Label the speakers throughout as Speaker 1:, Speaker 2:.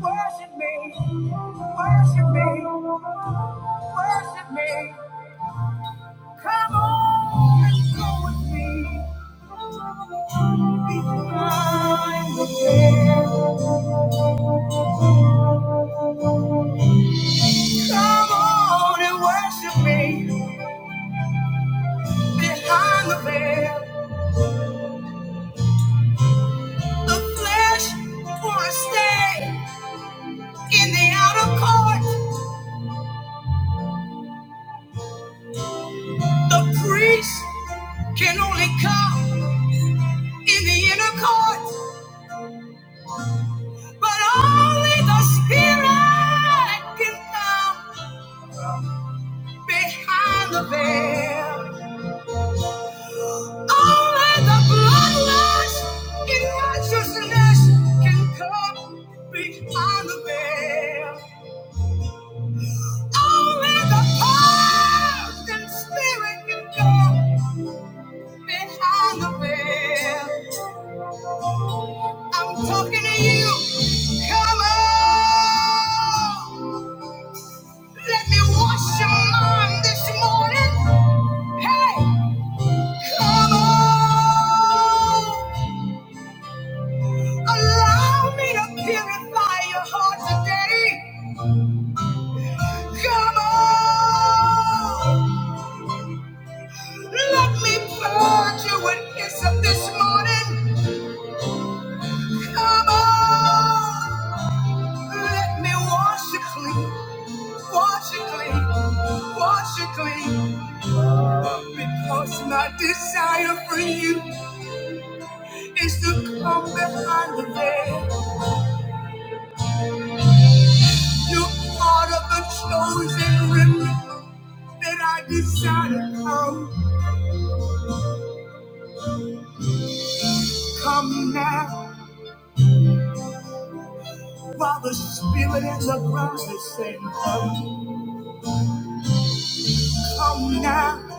Speaker 1: Worship me, worship me, worship me. Come on and go with me. Be Behind the veil. Come on and worship me. Behind the veil. The flesh won't stay in the outer court. The priest can only come in the inner court. But only the spirit can come behind the veil. Only the bloodlust in righteousness can come behind the veil. Only the pardon spirit can come behind the veil. I'm talking to you. Come on. Let me wash your mind this morning. Hey, Come on, allow me to purify your heart today. Come on, let me purge you with hyssop this morning. Come on, let me wash you clean, wash you clean, wash you clean. Because my desire for you is to come behind the veil. You are part of the chosen remnant that I decided to come. Come now, while the spirit and the ground is saying come. Come now,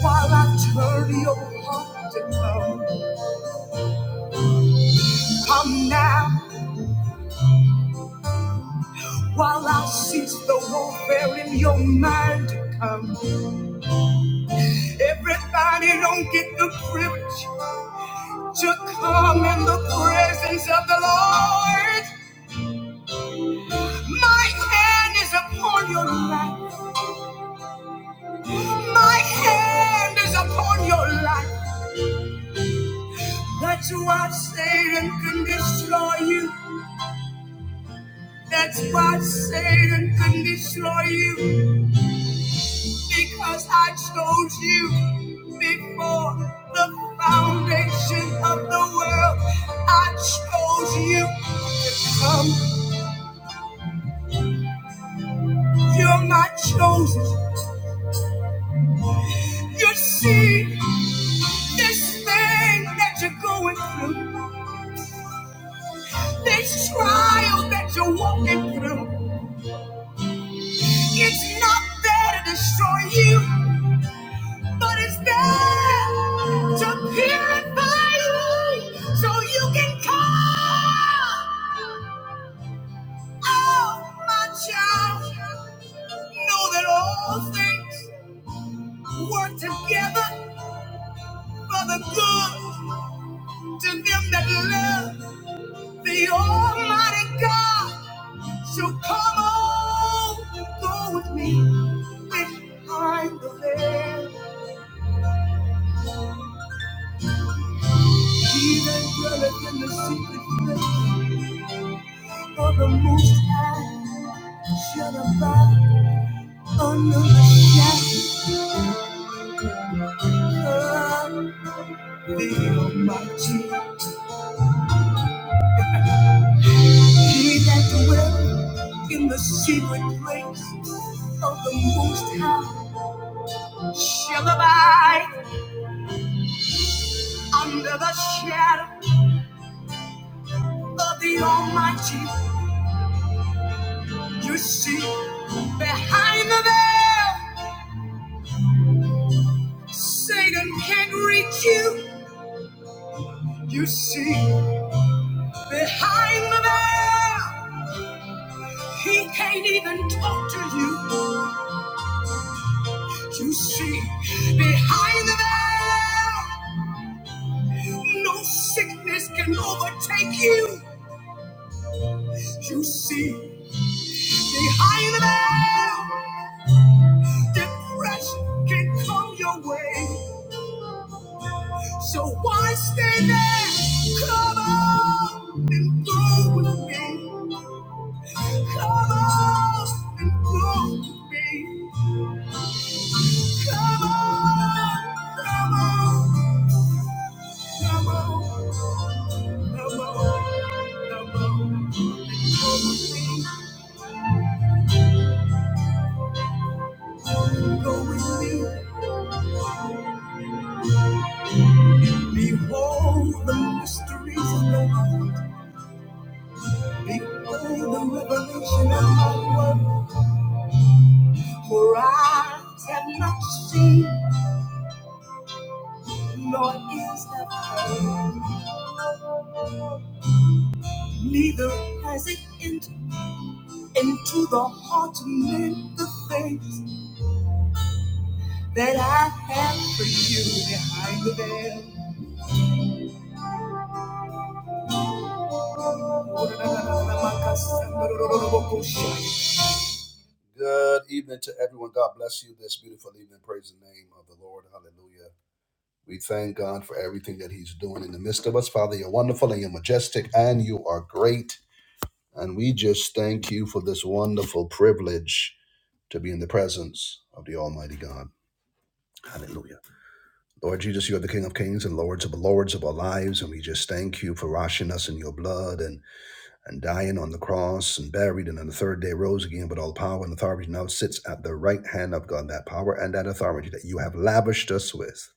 Speaker 1: while I turn your heart to come. Come now, while I cease the warfare in your mind to come. Everybody don't get the privilege to come in the presence of the Lord. My hand is upon your life. My hand is upon your life. That's why Satan can destroy you. That's why Satan can destroy you. Because I chose you before the foundation of the world. I chose you. Come, you're my chosen. You see this thing that you're going through, this trial that you're walking through. It's not there to destroy you, but it's there to purify you so you can come. Oh, my child, know that all things work together for the good to them that love the Almighty God. So come on, go with me behind the veil. He that dwelleth in the secret place of the Most High shall abide under the shadow of the Almighty. He that dwelleth in the secret place of the Most High shall abide under the shadow of the Almighty. You see, behind the veil, Satan can't reach you. You see. Behind the veil, he can't even talk to you. You see, behind the veil, no sickness can overtake you. You see, behind the veil, depression can come your way. So why stay there? Come on and go with me. Come on and go with me. Come on, come on. Behold the mysteries of the mind. Behold the revelation of my word. For eyes have not seen, nor ears have heard, neither has it entered into the heart of men the things that I have for you behind the veil. Good evening to everyone. God bless you this beautiful evening. Praise the name of the Lord. Hallelujah. We thank God for everything that He's doing in the midst of us. Father, you're wonderful and you're majestic and you are great. And we just thank you for this wonderful privilege to be in the presence of the Almighty God. Hallelujah. Lord Jesus, you are the King of Kings and Lords of the Lords of our lives. And we just thank you for washing us in your blood. and and dying on the cross and buried and on the third day rose again But all power and authority now sits at the right hand of God, that power and that authority that you have lavished us with,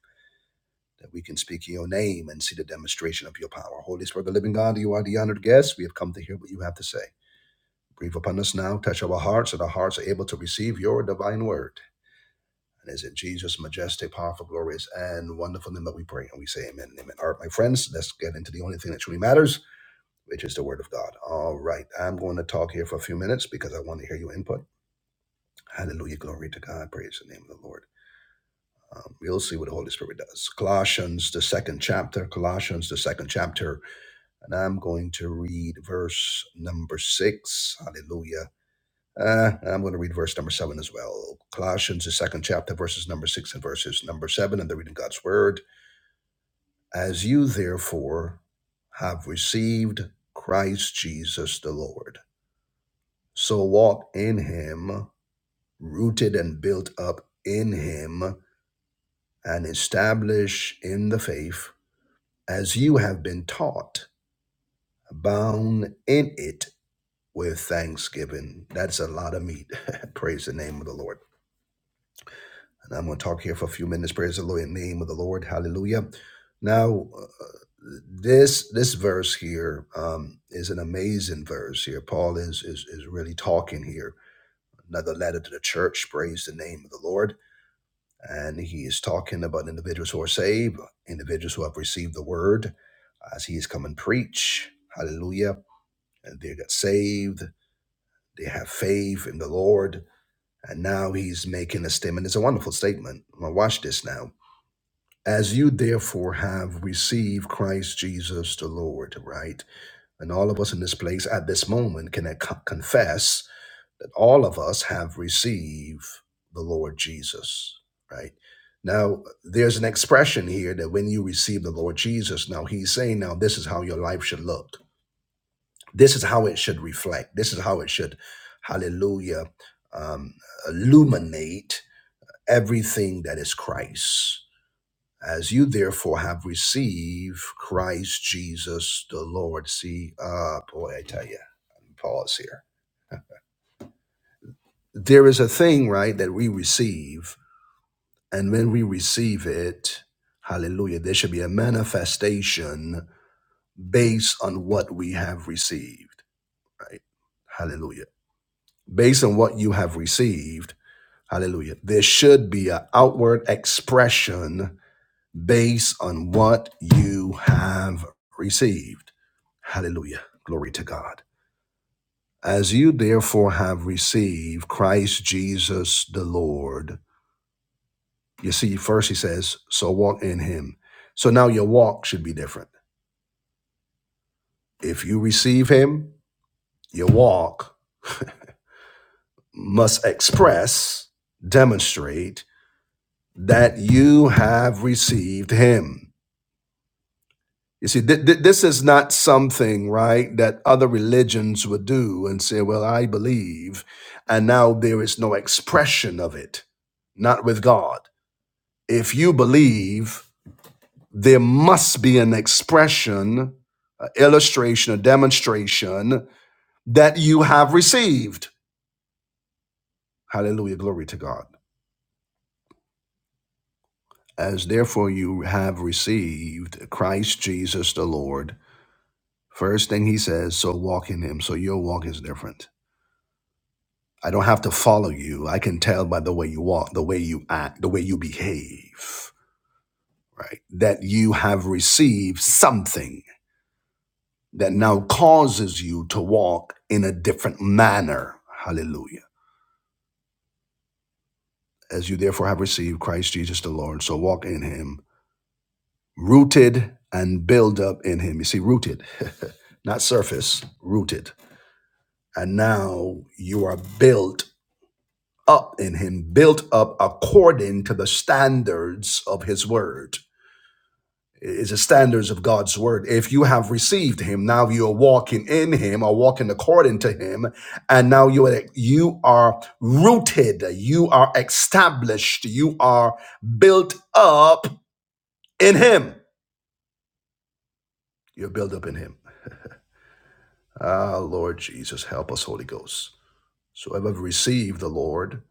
Speaker 1: that we can speak in your name and see the demonstration of your power. Holy Spirit, the living God, you are the honored guest. We have come to hear what you have to say. Breathe upon us now, touch our hearts, that our hearts are able to receive your divine word. And is it Jesus' majestic, powerful, glorious, and wonderful name that we pray? And we say amen and amen. All right, my friends, let's get into the only thing that truly matters which is the word of God. All right. I'm going to talk here for a few minutes because I want to hear your input. Hallelujah. Glory to God. Praise the name of the Lord. Um, we'll see what the Holy Spirit does. Colossians, the second chapter. Colossians, the second chapter. And I'm going to read verse number six. Hallelujah. Uh, I'm going to read verse number seven as well. Colossians, the second chapter, verses number six and verses number seven, and the reading of God's word. As you therefore have received Christ Jesus the Lord So walk in him, rooted and built up in him, and establish in the faith as you have been taught, bound in it with thanksgiving. That's a lot of meat. praise the name of the Lord. And I'm going to talk here for a few minutes. Praise the Lord in the name of the Lord. Hallelujah. Now, uh, this this verse here um, is an amazing verse here. Paul is, is is really talking here. Another letter to the church. Praise the name of the Lord And he is talking about individuals who are saved, individuals who have received the word as he has come and preach. Hallelujah. And they got saved. They have faith in the Lord. And now he's making a statement. It's a wonderful statement. Now watch this now. As you therefore have received Christ Jesus the Lord, right? And all of us in this place at this moment can confess that all of us have received the Lord Jesus, right? Now, there's an expression here that when you receive the Lord Jesus, now he's saying, now this is how your life should look. This is how it should reflect. This is how it should, hallelujah, um, illuminate everything that is Christ. As you therefore have received Christ Jesus the Lord. See, uh, boy, I tell you, pause here there is a thing, right, that we receive And when we receive it, hallelujah, there should be a manifestation based on what we have received, right? Hallelujah. Based on what you have received, hallelujah, there should be an outward expression based on what you have received. Hallelujah. Glory to God. As you therefore have received Christ Jesus the Lord, You see, first he says, so walk in him. So now your walk should be different. If you receive him, your walk must express, demonstrate that you have received him. You see, th- th- this is not something, right, that other religions would do and say, well, I believe, and now there is no expression of it, not with God. If you believe, there must be an expression, an illustration, a demonstration that you have received. Hallelujah. Glory to God. As therefore you have received Christ Jesus the Lord. First thing he says, so walk in him. So your walk is different. I don't have to follow you. I can tell by the way you walk, the way you act, the way you behave, right? That you have received something that now causes you to walk in a different manner. Hallelujah. As you therefore have received Christ Jesus the Lord, so walk in him, rooted and build up in him. You see, rooted, not surface, rooted. And now you are built up in him, built up according to the standards of his word. is the standards of God's word. If you have received him, now you are walking in him or walking according to him. And now you are, you are rooted, you are established, you are built up in him. You're built up in him. Ah, Lord Jesus, help us, Holy Ghost. So if I've received the Lord,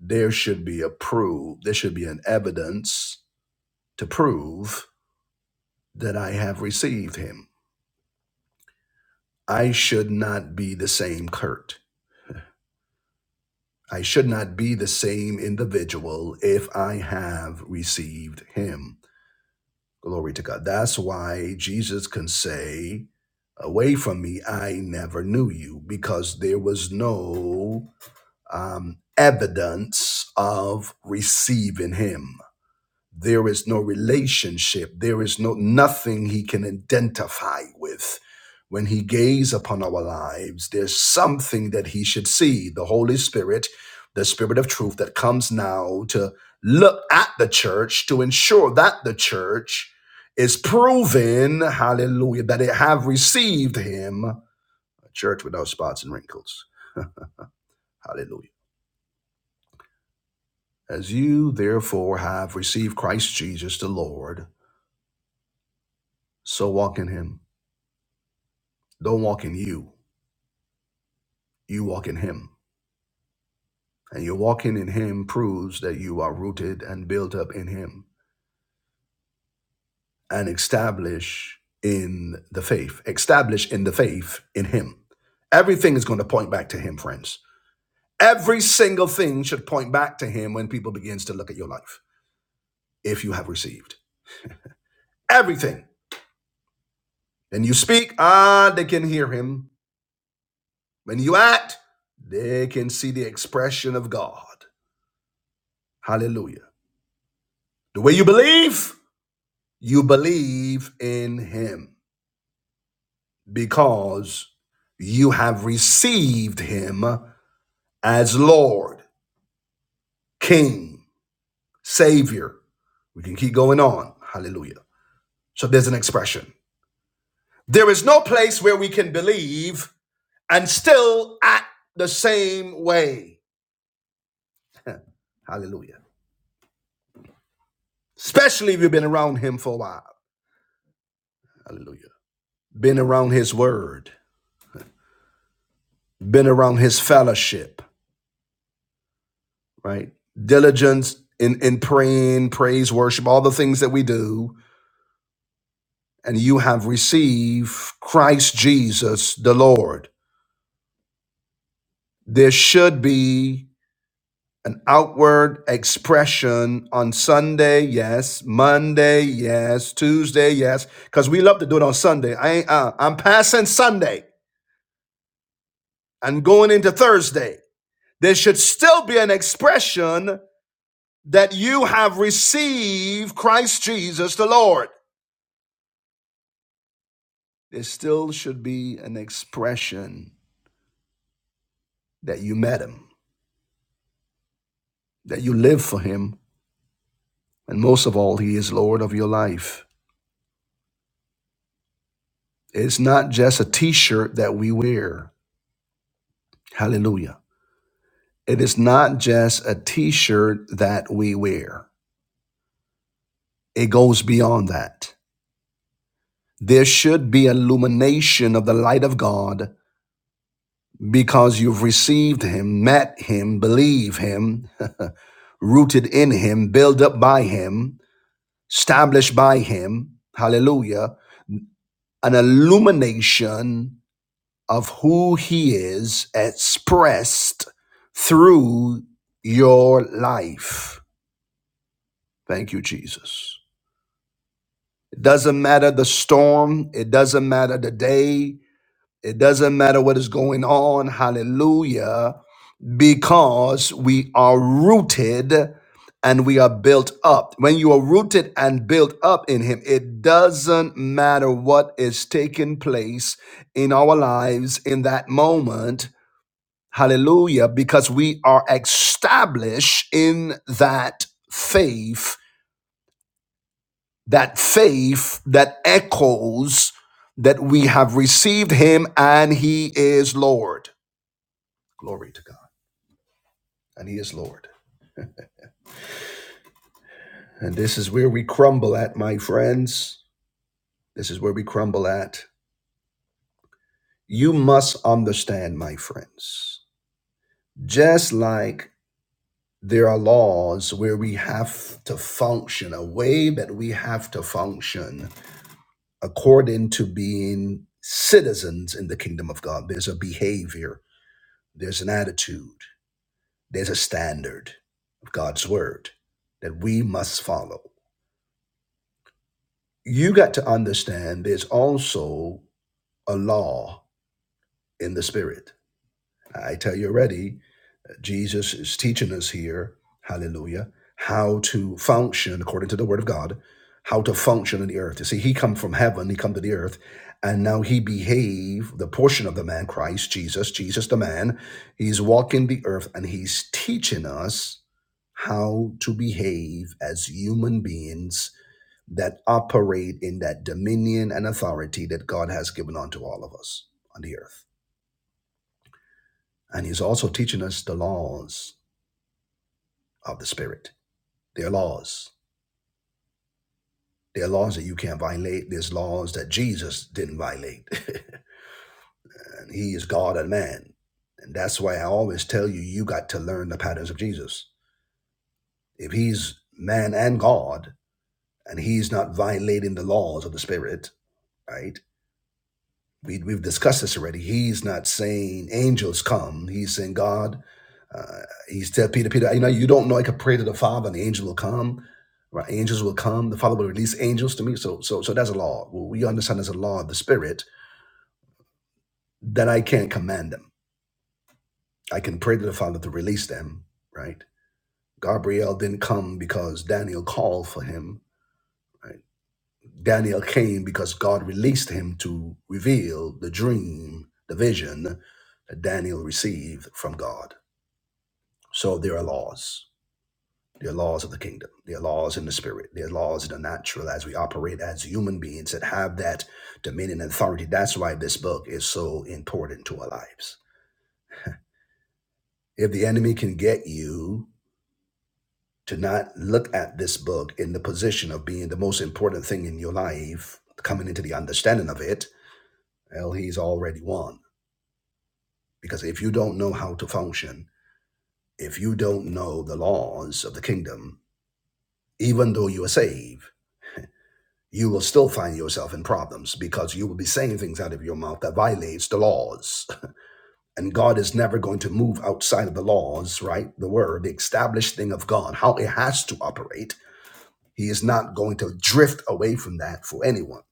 Speaker 1: there should be a proof, there should be an evidence to prove that I have received him. I should not be the same Kurt. I should not be the same individual if I have received him. Glory to God. That's why Jesus can say, Away from me, I never knew you, because there was no um, evidence of receiving him. There is no relationship. There is no nothing he can identify with. When he gaze upon our lives, there's something that he should see. The Holy Spirit, the Spirit of truth that comes now to look at the church to ensure that the church is proven, hallelujah, that it have received him, a church without spots and wrinkles. Hallelujah. As you therefore have received Christ Jesus the Lord, so walk in him Don't walk in you, you walk in Him. And your walking in Him proves that you are rooted and built up in Him and established in the faith, established in the faith in Him. Everything is going to point back to Him, friends. Every single thing should point back to Him when people begins to look at your life, if you have received everything. When you speak, ah, they can hear Him. When you act, they can see the expression of God. Hallelujah. The way you believe, You believe in him because you have received him as Lord, King, Savior. We can keep going on. Hallelujah. So there's an expression. There is no place where we can believe and still act the same way. Hallelujah. Especially if you've been around him for a while. Hallelujah. Been around his word, been around his fellowship, right? Diligence in, in praying, praise, worship, all the things that we do, and you have received Christ Jesus the Lord. There should be an outward expression on Sunday, yes, Monday, yes, Tuesday, yes, because we love to do it on Sunday. I ain't, uh, I'm passing Sunday and going into Thursday. There should still be an expression that you have received Christ Jesus the Lord. there still should be an expression that you met him, that you live for him, and most of all, he is Lord of your life. It's not just a t shirt that we wear. Hallelujah. It is not just a t shirt that we wear, it goes beyond that. There should be illumination of the light of God because you've received him, met him, believe him, rooted in him, built up by him established by him, hallelujah, an illumination of who he is expressed through your life. Thank you, Jesus. It doesn't matter the storm, it doesn't matter the day, it doesn't matter what is going on, hallelujah. because we are rooted and we are built up. When you are rooted and built up in Him, it doesn't matter what is taking place in our lives in that moment. Hallelujah. Because we are established in that faith, that faith that echoes that we have received Him and He is Lord. Glory to God. And He is Lord. And this is where we crumble at, my friends. This is where we crumble at. You must understand, my friends, just like there are laws where we have to function, a way that we have to function according to being citizens in the kingdom of God. There's a behavior, there's an attitude, there's a standard of God's word that we must follow. You got to understand there's also a law in the spirit. I tell you already, Jesus is teaching us here, hallelujah, how to function according to the word of God, how to function in the earth. You see, he come from heaven, he come to the earth, and now he behave the portion of the man, Christ Jesus, Jesus the man, he's walking the earth and he's teaching us how to behave as human beings that operate in that dominion and authority that God has given unto all of us on the earth. And he's also teaching us the laws of the Spirit. There are laws. There are laws that you can't violate. There's laws that Jesus didn't violate. and he is God and man. And that's why I always tell you, you got to learn the patterns of Jesus. If he's man and God, and he's not violating the laws of the Spirit, right? we, we've discussed this already. He's not saying angels come. He's saying God. Uh, he's telling Peter, Peter, you know, you don't know. I could pray to the Father, and the angel will come. Right? Angels will come. The Father will release angels to me. So, so, so that's a law. Well, we understand there's a law of the Spirit that I can't command them. I can pray to the Father to release them. Right? Gabriel didn't come because Daniel called for him. Right. Daniel came because God released him to reveal the dream, the vision that Daniel received from God. So there are laws. There are laws of the kingdom. There are laws in the spirit. There are laws in the natural as we operate as human beings that have that dominion and authority. That's why this book is so important to our lives. If the enemy can get you to not look at this book in the position of being the most important thing in your life, coming into the understanding of it, well, he's already won Because if you don't know how to function, if you don't know the laws of the kingdom, even though you are saved, you will still find yourself in problems because you will be saying things out of your mouth that violates the laws. And God is never going to move outside of the laws, right? The word, the established thing of God, how it has to operate. He is not going to drift away from that for anyone.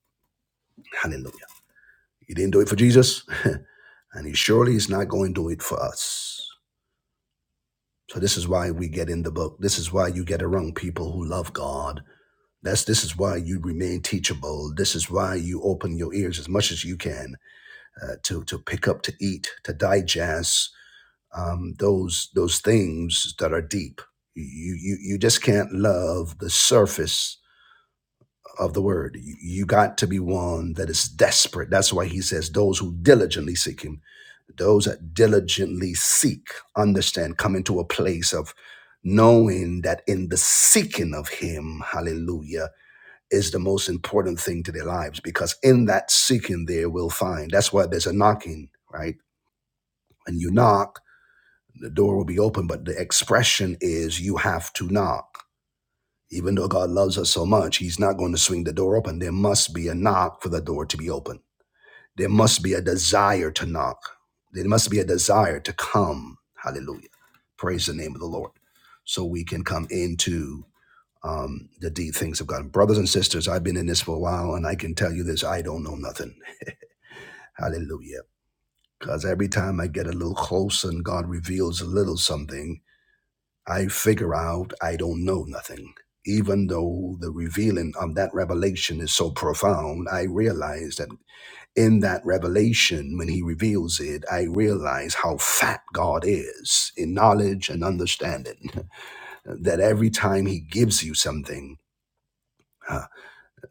Speaker 1: Hallelujah. He didn't do it for Jesus, and he surely is not going to do it for us. So this is why we get in the book. This is why you get around people who love God. That's this is why you remain teachable. This is why you open your ears as much as you can uh, to to pick up, to eat, to digest um, those those things that are deep. You you you just can't love the surface of the word. You, you got to be one that is desperate. That's why he says those who diligently seek him those that diligently seek, understand, come into a place of knowing that in the seeking of Him, hallelujah, is the most important thing to their lives because in that seeking they will find. That's why there's a knocking, right? When you knock, the door will be open, but the expression is you have to knock. Even though God loves us so much, He's not going to swing the door open. There must be a knock for the door to be open. There must be a desire to knock. There must be a desire to come. Hallelujah. Praise the name of the Lord. So we can come into um, the deep things of God. Brothers and sisters, I've been in this for a while and I can tell you this I don't know nothing. Hallelujah. Because every time I get a little closer and God reveals a little something, I figure out I don't know nothing. Even though the revealing of that revelation is so profound, I realize that in that revelation, when he reveals it, I realize how fat God is in knowledge and understanding. That every time he gives you something, uh,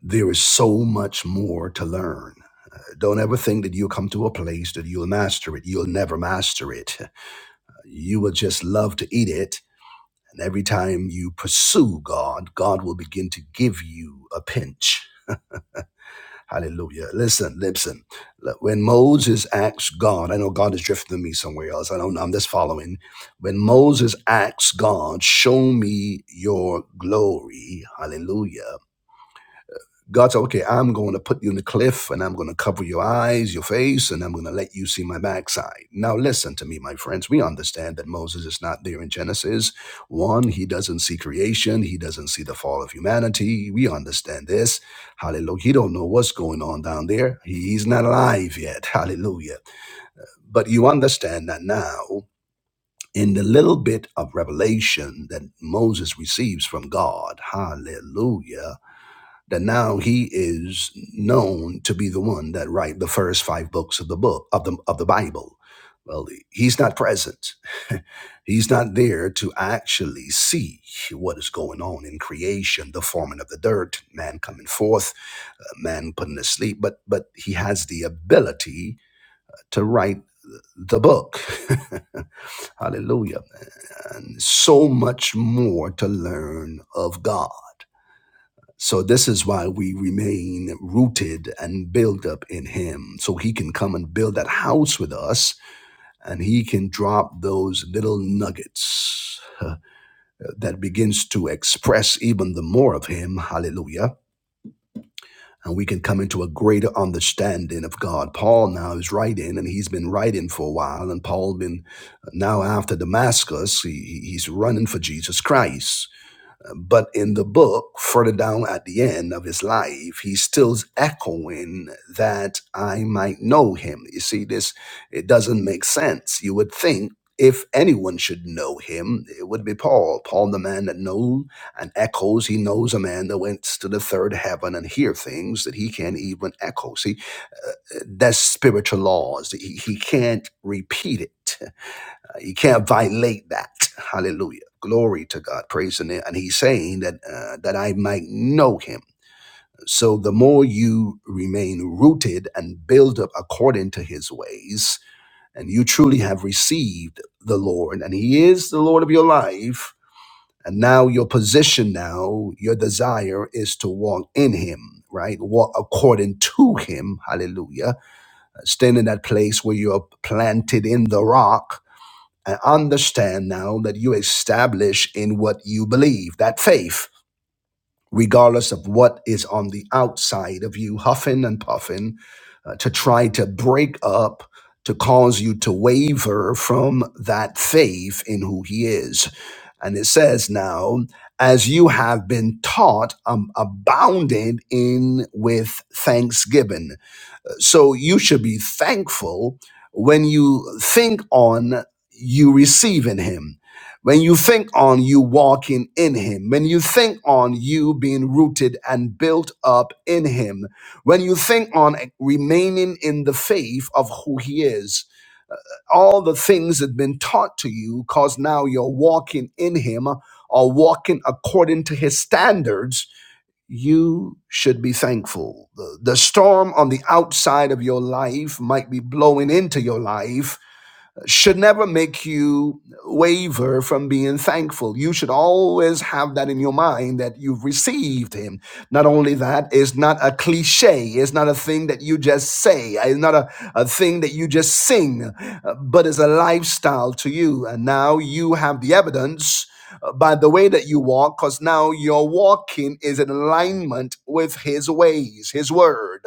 Speaker 1: there is so much more to learn. Don't ever think that you'll come to a place that you'll master it. You'll never master it. You will just love to eat it. And every time you pursue God, God will begin to give you a pinch Hallelujah. Listen, listen. Look, When Moses asks God, I know God is drifting me somewhere else. I don't know. I'm just following. When Moses asks God, show me your glory. Hallelujah. God said, okay, I'm going to put you in the cliff and I'm going to cover your eyes, your face, and I'm going to let you see my backside. Now, listen to me, my friends. We understand that Moses is not there in Genesis. One, he doesn't see creation. He doesn't see the fall of humanity. We understand this. Hallelujah. He don't know what's going on down there. He's not alive yet. Hallelujah. But you understand that now in the little bit of revelation that Moses receives from God. Hallelujah that now he is known to be the one that write the first five books of the book of the of the Bible. Well, he's not present. he's not there to actually see what is going on in creation, the forming of the dirt, man coming forth, uh, man putting to sleep. But but he has the ability to write the book. Hallelujah. And so much more to learn of God. So this is why we remain rooted and built up in him. So he can come and build that house with us and he can drop those little nuggets uh, that begins to express even the more of him. Hallelujah. And we can come into a greater understanding of God. Paul now is writing, and he's been writing for a while. And Paul been uh, now after Damascus, he, he's running for Jesus Christ but in the book, further down at the end of his life, he's still echoing that I might know him. You see, this it doesn't make sense. You would think if anyone should know him, it would be Paul. Paul, the man that knows and echoes, he knows a man that went to the third heaven and hear things that he can't even echo. See, uh, that's spiritual laws. He, he can't repeat it. You can't violate that. Hallelujah. Glory to God. Praise the name. And he's saying that uh, that I might know him. So the more you remain rooted and build up according to his ways, and you truly have received the Lord, and he is the Lord of your life, and now your position now, your desire is to walk in him, right? Walk according to him. Hallelujah. Stand in that place where you're planted in the rock and understand now that you establish in what you believe that faith regardless of what is on the outside of you huffing and puffing uh, to try to break up to cause you to waver from that faith in who he is and it says now as you have been taught um, abounded in with thanksgiving so you should be thankful when you think on you receiving him. When you think on you walking in him, when you think on you being rooted and built up in him, when you think on remaining in the faith of who he is, all the things that have been taught to you, because now you're walking in him or walking according to his standards, you should be thankful. The, the storm on the outside of your life might be blowing into your life, should never make you waver from being thankful. You should always have that in your mind that you've received Him. Not only that, it's not a cliche, it's not a thing that you just say, it's not a, a thing that you just sing, uh, but it's a lifestyle to you. And now you have the evidence uh, by the way that you walk, because now your walking is in alignment with His ways, His word.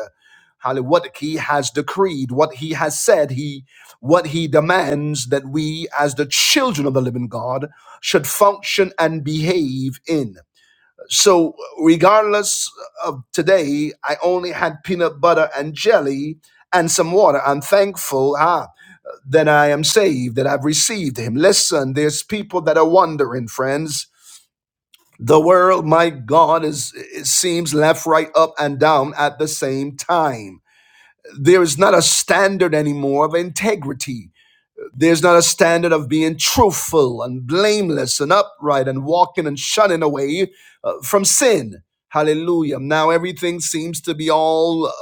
Speaker 1: Hallelujah. What He has decreed, what He has said, He what he demands that we, as the children of the living God, should function and behave in. So, regardless of today, I only had peanut butter and jelly and some water. I'm thankful ah, that I am saved, that I've received him. Listen, there's people that are wondering, friends. The world, my God, is it seems left, right, up, and down at the same time. There is not a standard anymore of integrity there's not a standard of being truthful and blameless and upright and walking and shunning away uh, from sin. Hallelujah. Now everything seems to be all uh,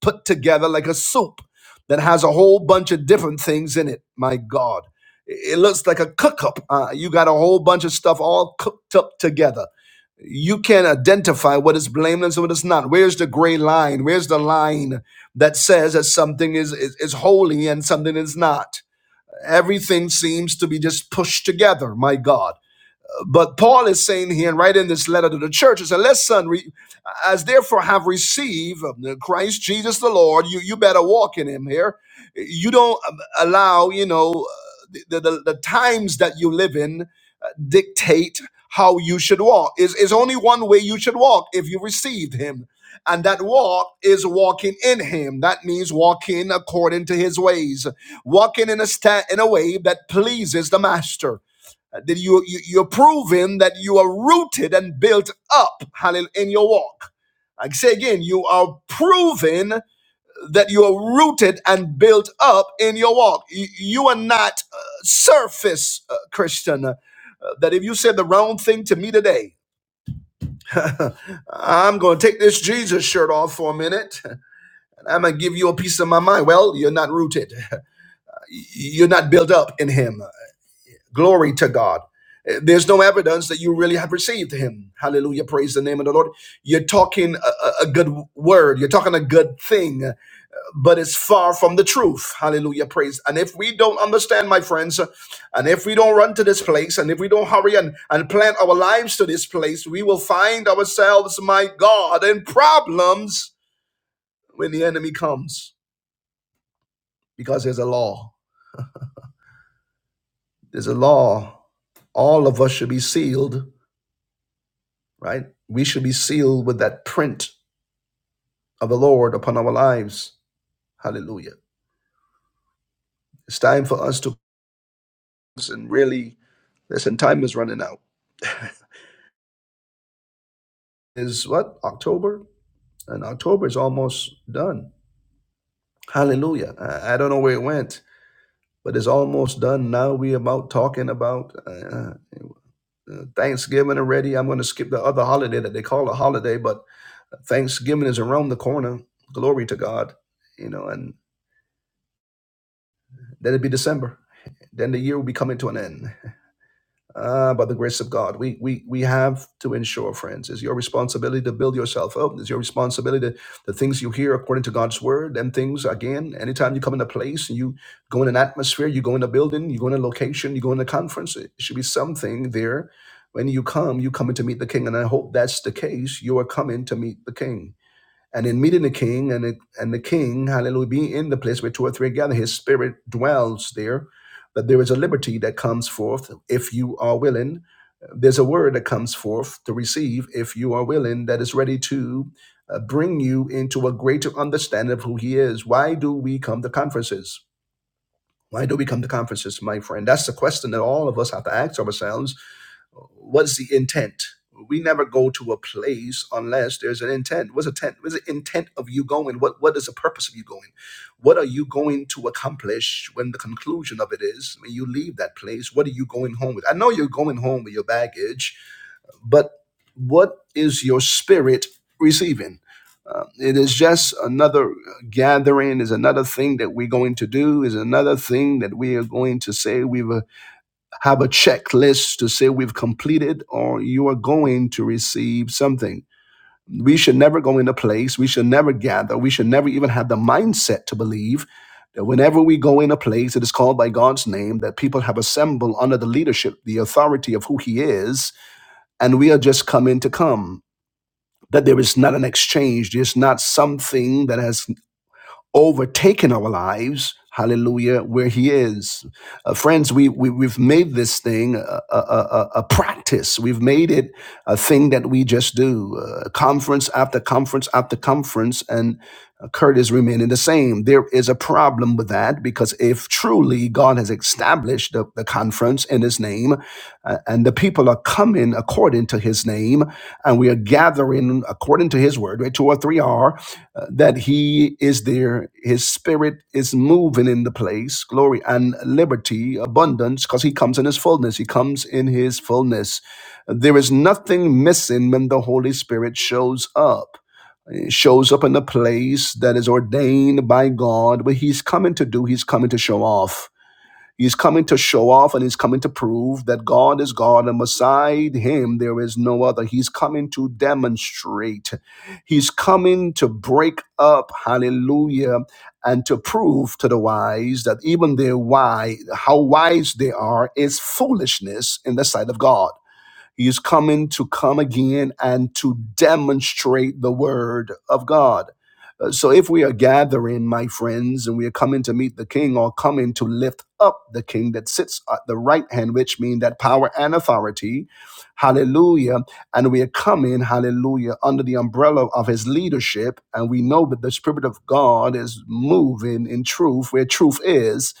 Speaker 1: put together like a soup that has a whole bunch of different things in it. My God. It looks like a cook up. Uh, you got a whole bunch of stuff all cooked up together. You can't identify what is blameless and what is not. Where's the gray line? Where's the line that says that something is, is, is holy and something is not? Everything seems to be just pushed together, my God. But Paul is saying here, and right in this letter to the churches, and listen, re- as therefore have received um, Christ Jesus the Lord, you, you better walk in him here. You don't um, allow, you know, the, the, the times that you live in dictate how you should walk. Is is only one way you should walk if you received him. And that walk is walking in him. That means walking according to his ways, walking in a sta- in a way that pleases the master Uh, that you, you you're proving that you are rooted and built up hallelujah in your walk i say again you are proven that you are rooted and built up in your walk. You, you are not uh, surface uh, Christian. Uh, that if you said the wrong thing to me today, I'm going to take this Jesus shirt off for a minute and I'm going to give you a piece of my mind. Well, you're not rooted, you're not built up in Him. Glory to God. Uh, There's no evidence that you really have received Him. Hallelujah. Praise the name of the Lord. You're talking a, a a good word, you're talking a good thing but it's far from the truth. Hallelujah. Praise. And if we don't understand, my friends, and if we don't run to this place, and if we don't hurry and, and plant our lives to this place, we will find ourselves, my God, in problems when the enemy comes. Because there's a law. There's a law. All of us should be sealed, right? We should be sealed with that print of the Lord upon our lives. Hallelujah. It's time for us to listen, really. Listen, time is running out. is what October, and October is almost done. Hallelujah! I, I don't know where it went, but it's almost done. Now we about talking about uh, uh, Thanksgiving already. I'm going to skip the other holiday that they call a holiday, but Thanksgiving is around the corner. Glory to God, you know, and then it'd be December. Then the year will be coming to an end. uh, by the grace of God. We, we, we have to ensure, friends, it's your responsibility to build yourself up. It's your responsibility to the things you hear according to God's word. and things, again, anytime you come in a place and you go in an atmosphere, you go in a building, you go in a location, you go in a conference, it should be something there. When you come, you come in to meet the king. And I hope that's the case. You are coming to meet the king and in meeting the king and the, and the king hallelujah being in the place where two or three are gathered his spirit dwells there that there is a liberty that comes forth if you are willing there's a word that comes forth to receive if you are willing that is ready to uh, bring you into a greater understanding of who he is why do we come to conferences why do we come to conferences my friend that's the question that all of us have to ask ourselves What's the intent? We never go to a place unless there's an intent. What's intent? What's the intent of you going? What What is the purpose of you going? What are you going to accomplish when the conclusion of it is when you leave that place? What are you going home with? I know you're going home with your baggage, but what is your spirit receiving? Uh, it is just another gathering, is another thing that we're going to do, is another thing that we are going to say we've uh, have a checklist to say we've completed or you are going to receive something. We should never go into place. We should never gather. We should never even have the mindset to believe that whenever we go in a place that is called by God's name, that people have assembled under the leadership, the authority of who He is, and we are just coming to come. That there is not an exchange. There's not something that has overtaken our lives. Hallelujah, where He is. Uh, friends, we, we, we've made this thing a, a, a, a practice. We've made it a thing that we just do, uh, conference after conference after conference, and uh, Kurt is remaining the same. There is a problem with that because if truly God has established the, the conference in His name, uh, and the people are coming according to His name, and we are gathering according to His word, right? Two or three are uh, that he is there his spirit is moving in the place glory and liberty abundance because he comes in his fullness he comes in his fullness there is nothing missing when the holy spirit shows up He shows up in a place that is ordained by god what he's coming to do he's coming to show off He's coming to show off and he's coming to prove that God is God and beside him there is no other. He's coming to demonstrate. He's coming to break up, hallelujah, and to prove to the wise that even their wise, how wise they are is foolishness in the sight of God. He is coming to come again and to demonstrate the word of God. Uh, So if we are gathering, my friends, and we are coming to meet the king or coming to lift up the king that sits at the right hand, which means that power and authority, hallelujah. And we are coming, hallelujah, under the umbrella of his leadership. And we know that the Spirit of God is moving in truth where truth is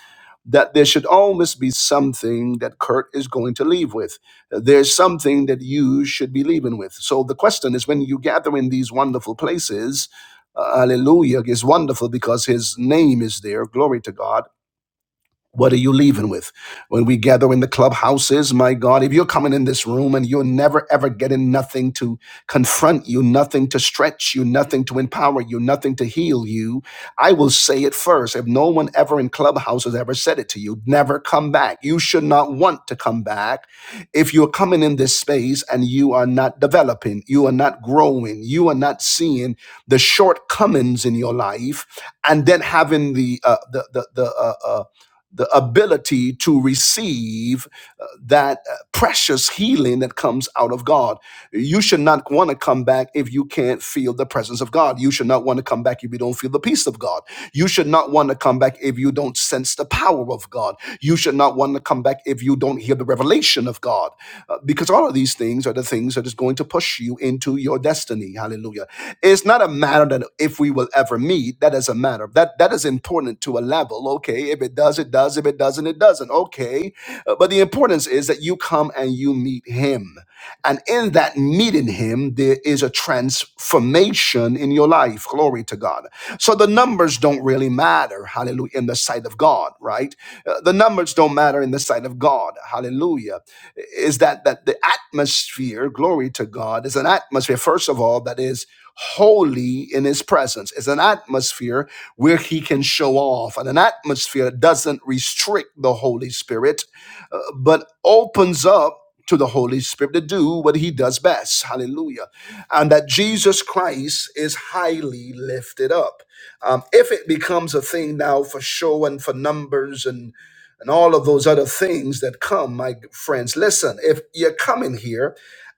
Speaker 1: that there should almost be something that Kurt is going to leave with there's something that you should be leaving with. So the question is when you gather in these wonderful places, uh, hallelujah is wonderful because his name is there. Glory to God. What are you leaving with? When we gather in the clubhouses, my God, if you're coming in this room and you're never ever getting nothing to confront you, nothing to stretch you, nothing to empower you, nothing to heal you, I will say it first. If no one ever in clubhouses ever said it to you, never come back. You should not want to come back. If you're coming in this space and you are not developing, you are not growing, you are not seeing the shortcomings in your life, and then having the uh, the the the uh, uh, the ability to receive uh, that uh, precious healing that comes out of God. You should not want to come back if you can't feel the presence of God. You should not want to come back if you don't feel the peace of God. You should not want to come back if you don't sense the power of God. You should not want to come back if you don't hear the revelation of God. Uh, because all of these things are the things that is going to push you into your destiny. Hallelujah. It's not a matter that if we will ever meet, that is a matter. That that is important to a level. Okay, if it does, it does. If it doesn't, it doesn't. Okay. Uh, But the importance is that you come and when you meet him. And in that meeting him, there is a transformation in your life. Glory to God. So the numbers don't really matter, hallelujah, in the sight of God, right? Uh, The numbers don't matter in the sight of God, hallelujah. Is that that the atmosphere, glory to God, is an atmosphere, first of all, that is holy in his presence. Is an atmosphere where he can show off and an atmosphere that doesn't restrict the Holy Spirit uh, but opens up to the Holy Spirit to do what he does best. Hallelujah. And that Jesus Christ is highly lifted up. Um, if it becomes a thing now for show and for numbers and and all of those other things that come, my friends, listen, if you're coming here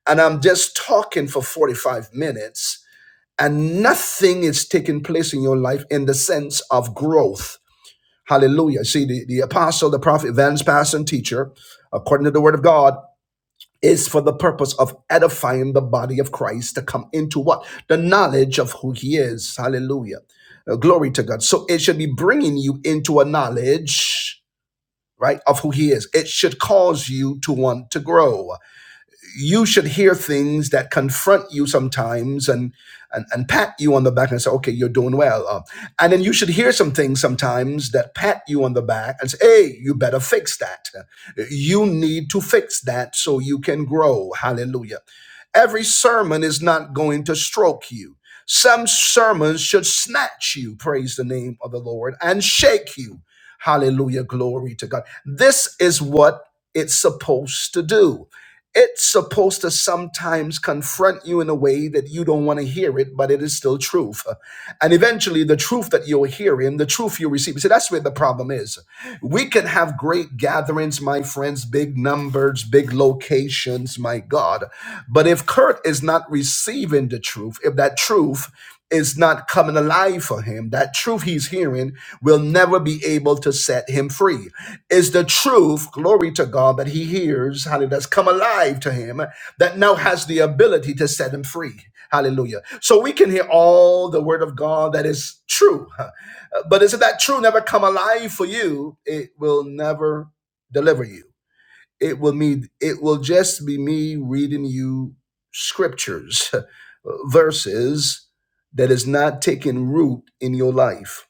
Speaker 1: and I'm just talking for 45 minutes and nothing is taking place in your life in the sense of growth, Hallelujah. See, the, the apostle, the prophet, evangelist, pastor, and teacher, according to the word of God, is for the purpose of edifying the body of Christ to come into what? The knowledge of who he is. Hallelujah. Uh, glory to God. So it should be bringing you into a knowledge, right, of who he is. It should cause you to want to grow you should hear things that confront you sometimes and, and, and pat you on the back and say, okay, you're doing well. Uh, and then you should hear some things sometimes that pat you on the back and say, hey, you better fix that. You need to fix that so you can grow. Hallelujah. Every sermon is not going to stroke you. Some sermons should snatch you, praise the name of the Lord, and shake you. Hallelujah. Glory to God. This is what it's supposed to do. It's supposed to sometimes confront you in a way that you don't want to hear it, but it is still truth. And eventually, the truth that you're hearing, the truth you receive. See, that's where the problem is. We can have great gatherings, my friends, big numbers, big locations, my God. But if Kurt is not receiving the truth, if that truth is not coming alive for him, that truth he's hearing will never be able to set him free is the truth, glory to God, that he hears, hallelujah, that's come alive to him, that now has the ability to set him free. Hallelujah. So we can hear all the word of God that is true. huh. But is that true never come alive for you? It will never deliver you. It will mean it will just be me reading you scriptures, verses that is not taking root in your life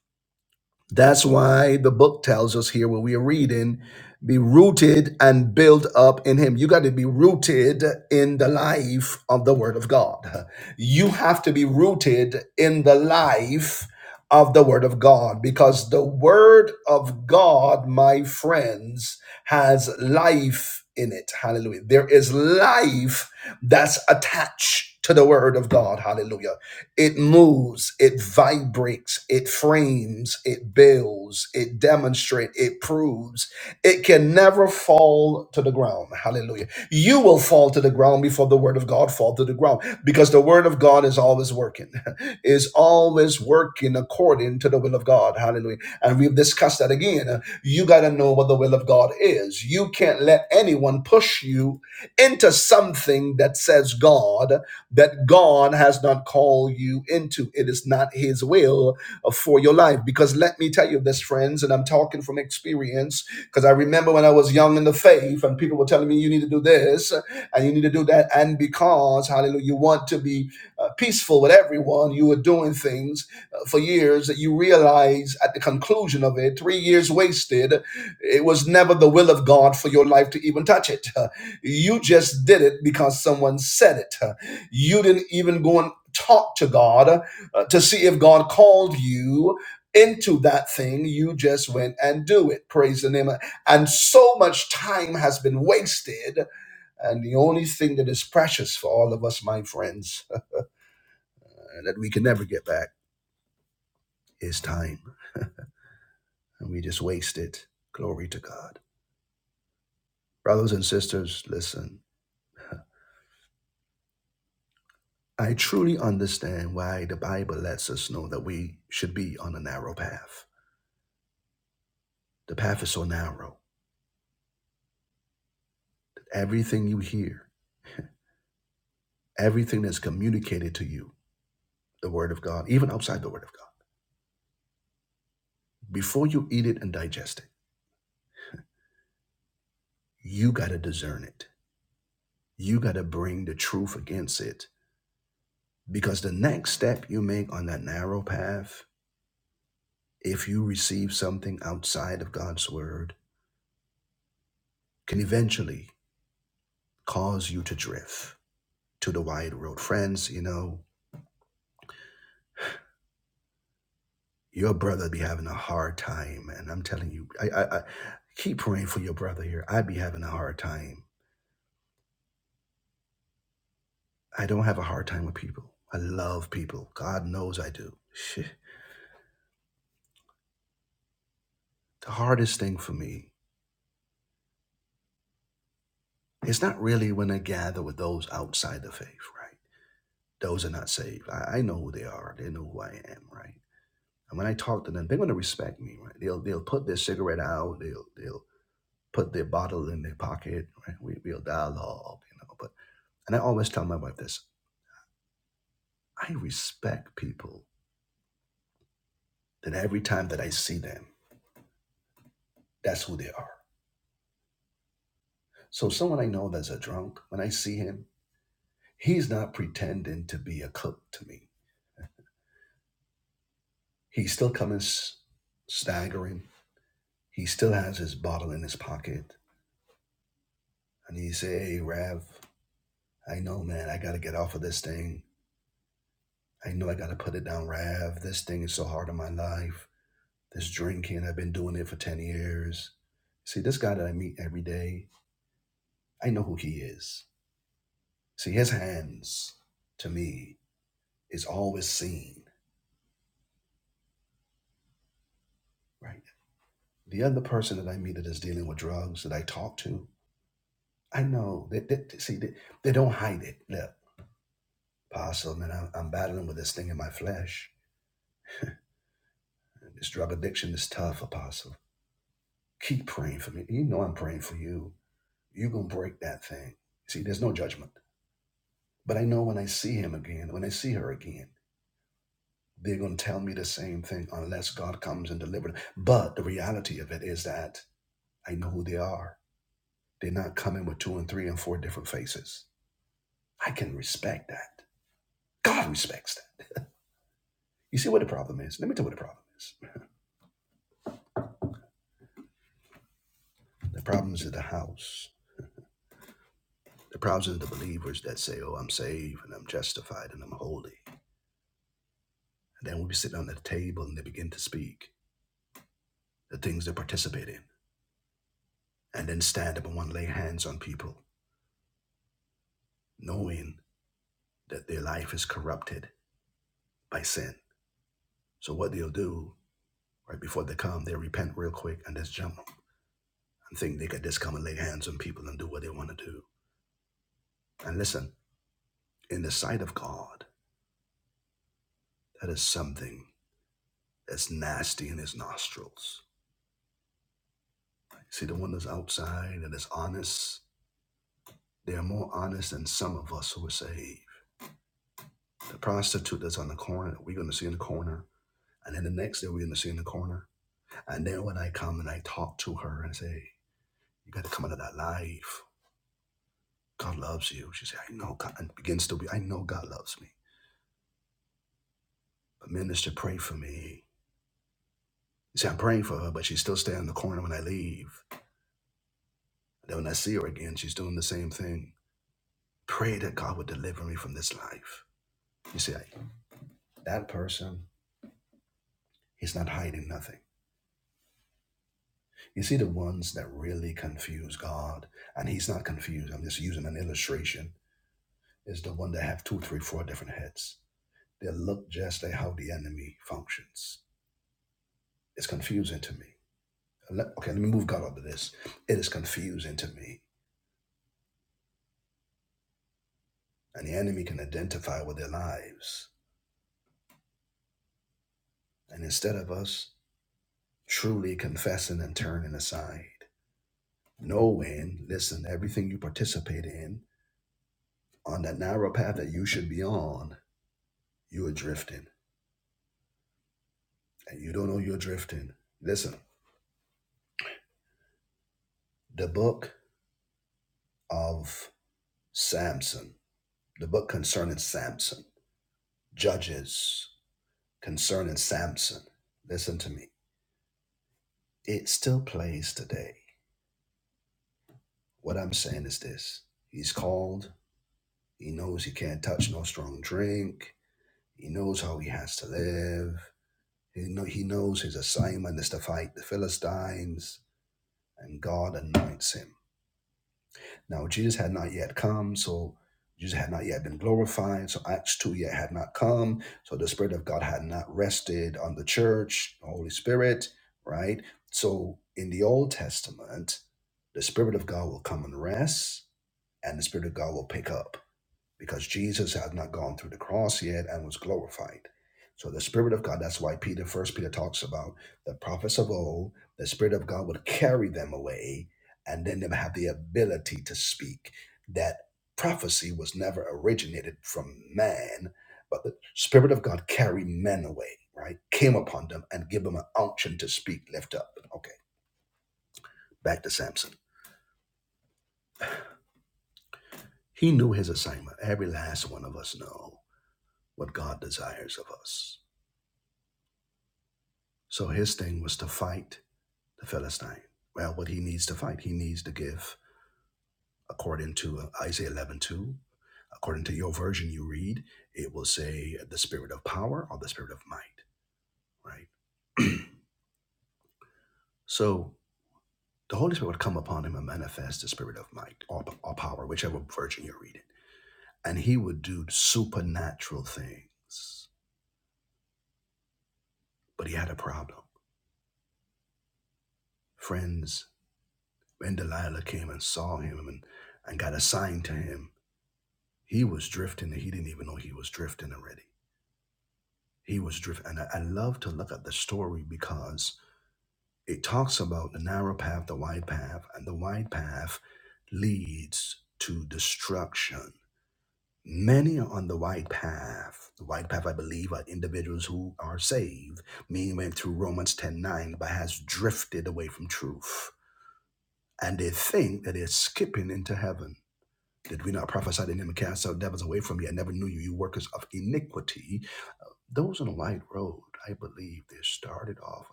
Speaker 1: that's why the book tells us here where we are reading, be rooted and built up in Him. You got to be rooted in the life of the Word of God. You have to be rooted in the life of the Word of God because the Word of God, my friends, has life in it. Hallelujah. There is life that's attached to the Word of God. Hallelujah. It moves, it vibrates, it frames, it builds, it demonstrates, it proves. It can never fall to the ground. Hallelujah. You will fall to the ground before the word of God fall to the ground because the word of God is always working, is always working according to the will of God. Hallelujah. And we've discussed that again. Uh, You got to know what the will of God is. You can't let anyone push you into something that says God that God has not called you into. It is not His will uh, for your life. Because let me tell you this, friends, and I'm talking from experience, because I remember when I was young in the faith and people were telling me, you need to do this uh, and you need to do that. And because, hallelujah, you want to be uh, peaceful with everyone, you were doing things uh, for years that you realize at the conclusion of it, three years wasted, it was never the will of God for your life to even touch it. Uh, You just did it because someone said it. Uh, you didn't even go and talk to God uh, to see if God called you into that thing. You just went and do it. Praise the name. And so much time has been wasted. And the only thing that is precious for all of us, my friends, uh, that we can never get back is time. And we just waste it. Glory to God. Brothers and sisters, listen. I truly understand why the Bible lets us know that we should be on a narrow path. The path is so narrow I know, man, I got to get off of this thing. I know I got to put it down, Rav. This thing is so hard in my life. This drinking, I've been doing it for 10 years. See, this guy that I meet every day, I know who he is. See, his hands to me is always seen, right? The other person that I meet that is dealing with drugs that I talk to, I know that, that see, they, they don't hide it. Look, Apostle, man, I'm, I'm battling with this thing in my flesh. This drug addiction is tough, Apostle. Keep praying for me. You know I'm praying for you You're going to break that thing. See, there's no judgment. But I know when I see him again, when I see her again, they're going to tell me the same thing unless God comes and delivers. But the reality of it is, I'm just using an illustration, is the one that have two, three, four different heads. They look just like how the enemy functions. It's confusing to me. Let- okay, let me move God up to this. It is confusing to me. And the enemy can identify with their lives. And instead of us truly confessing and turning aside. rested on the church, the Holy Spirit, right? So in the Old Testament, the Spirit of God will come and rest, and the Spirit of God will pick up because Jesus had not gone through the cross yet and was glorified. So the Spirit of God, that's why Peter, first Peter talks about the prophets of old, the Spirit of God would carry them away, and then they would have the ability to speak. That prophecy was never originated from man, but the Spirit of God carried men away, right? Came upon them and give them an unction to speak, lift up. Okay, back to Samson. He knew his assignment. Every last one of us know what God desires of us So his thing was to fight the Philistine. Well, what he needs to fight, he needs to give, according to uh, Isaiah 11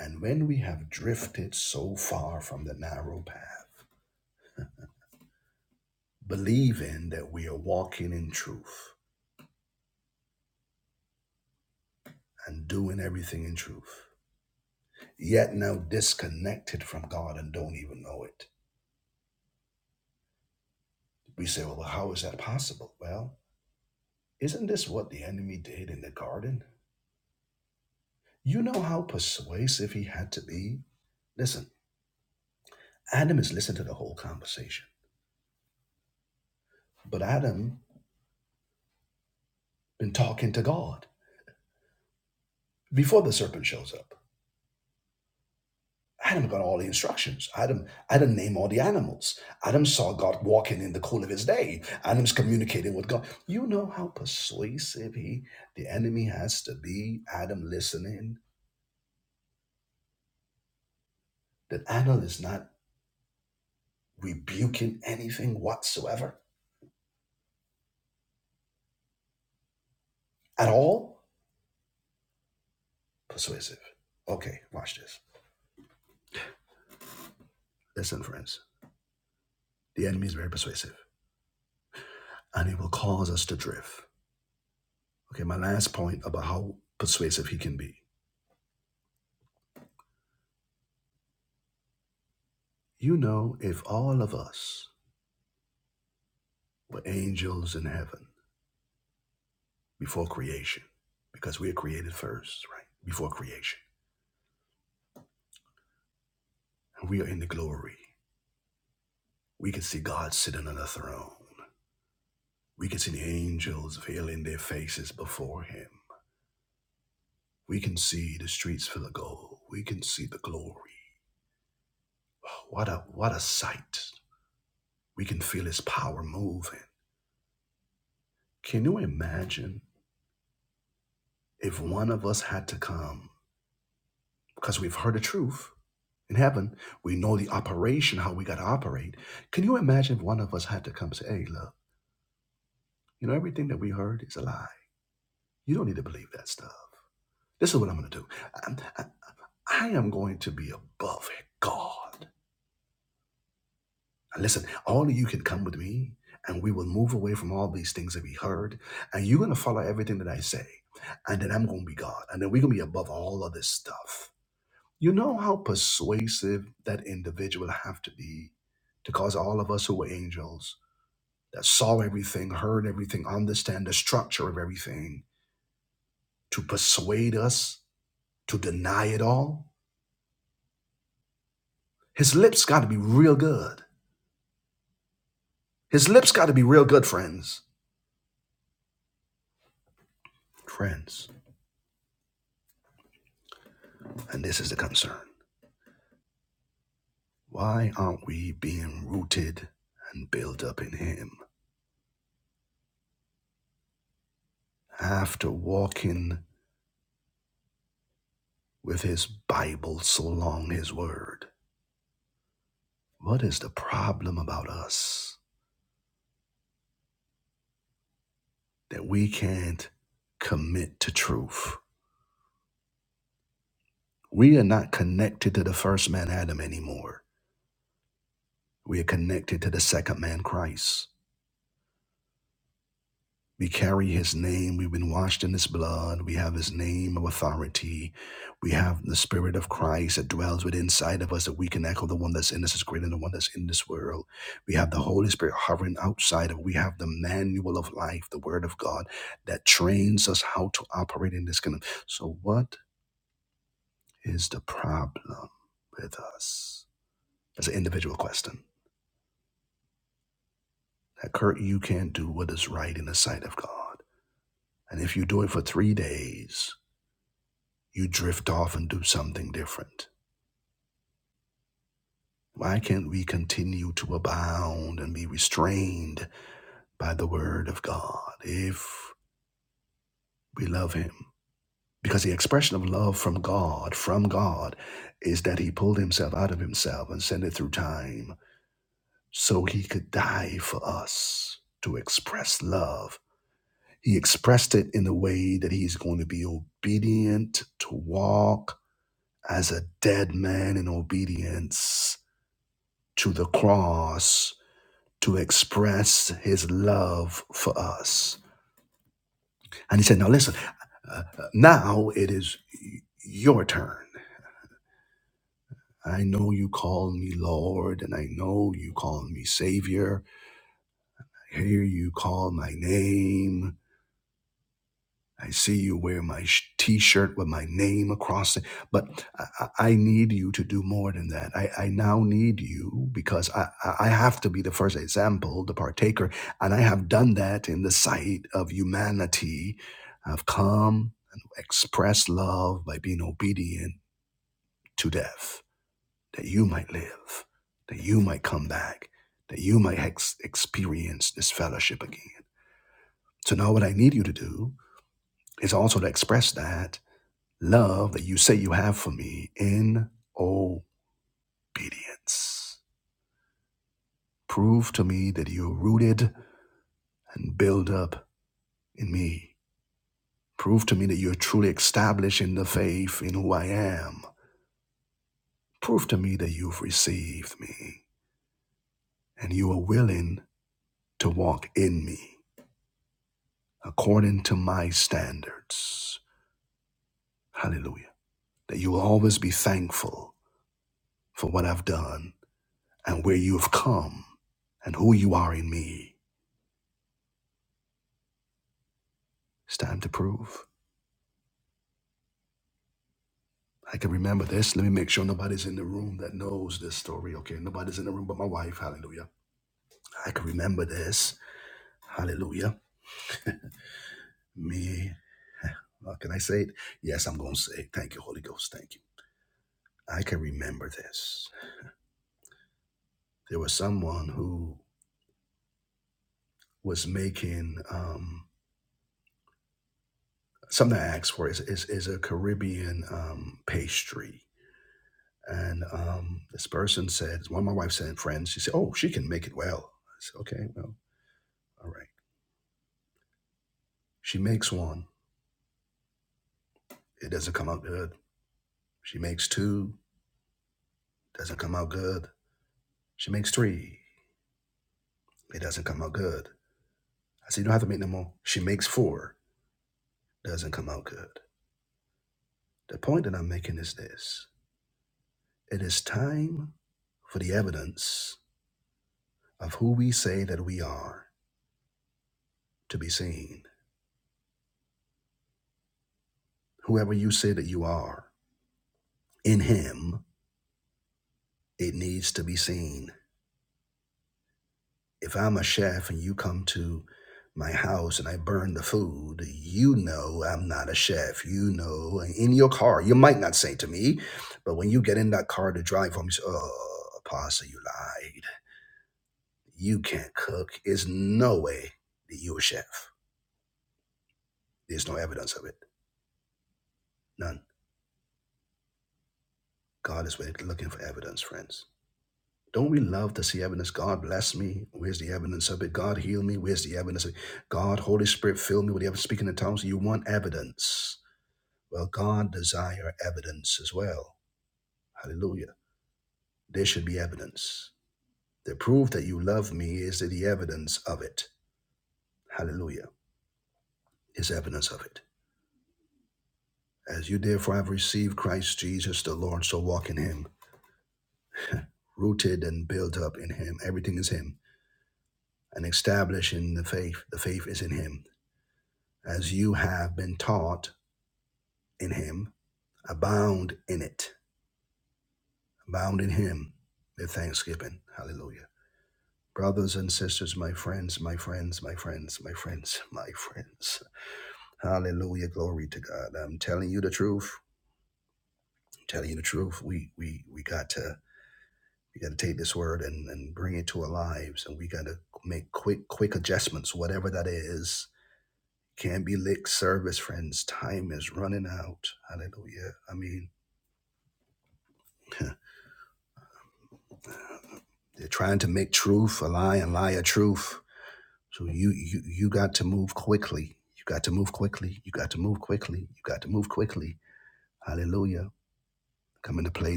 Speaker 1: and 15. But Adam been talking to God before the serpent shows up. Adam got all the instructions. Adam, Adam named all the animals. Adam saw God walking in the cool of his day. Adam's communicating with God. You know how persuasive he, the enemy has to be. Adam listening. That Adam is not re- at all persuasive. Okay, watch this.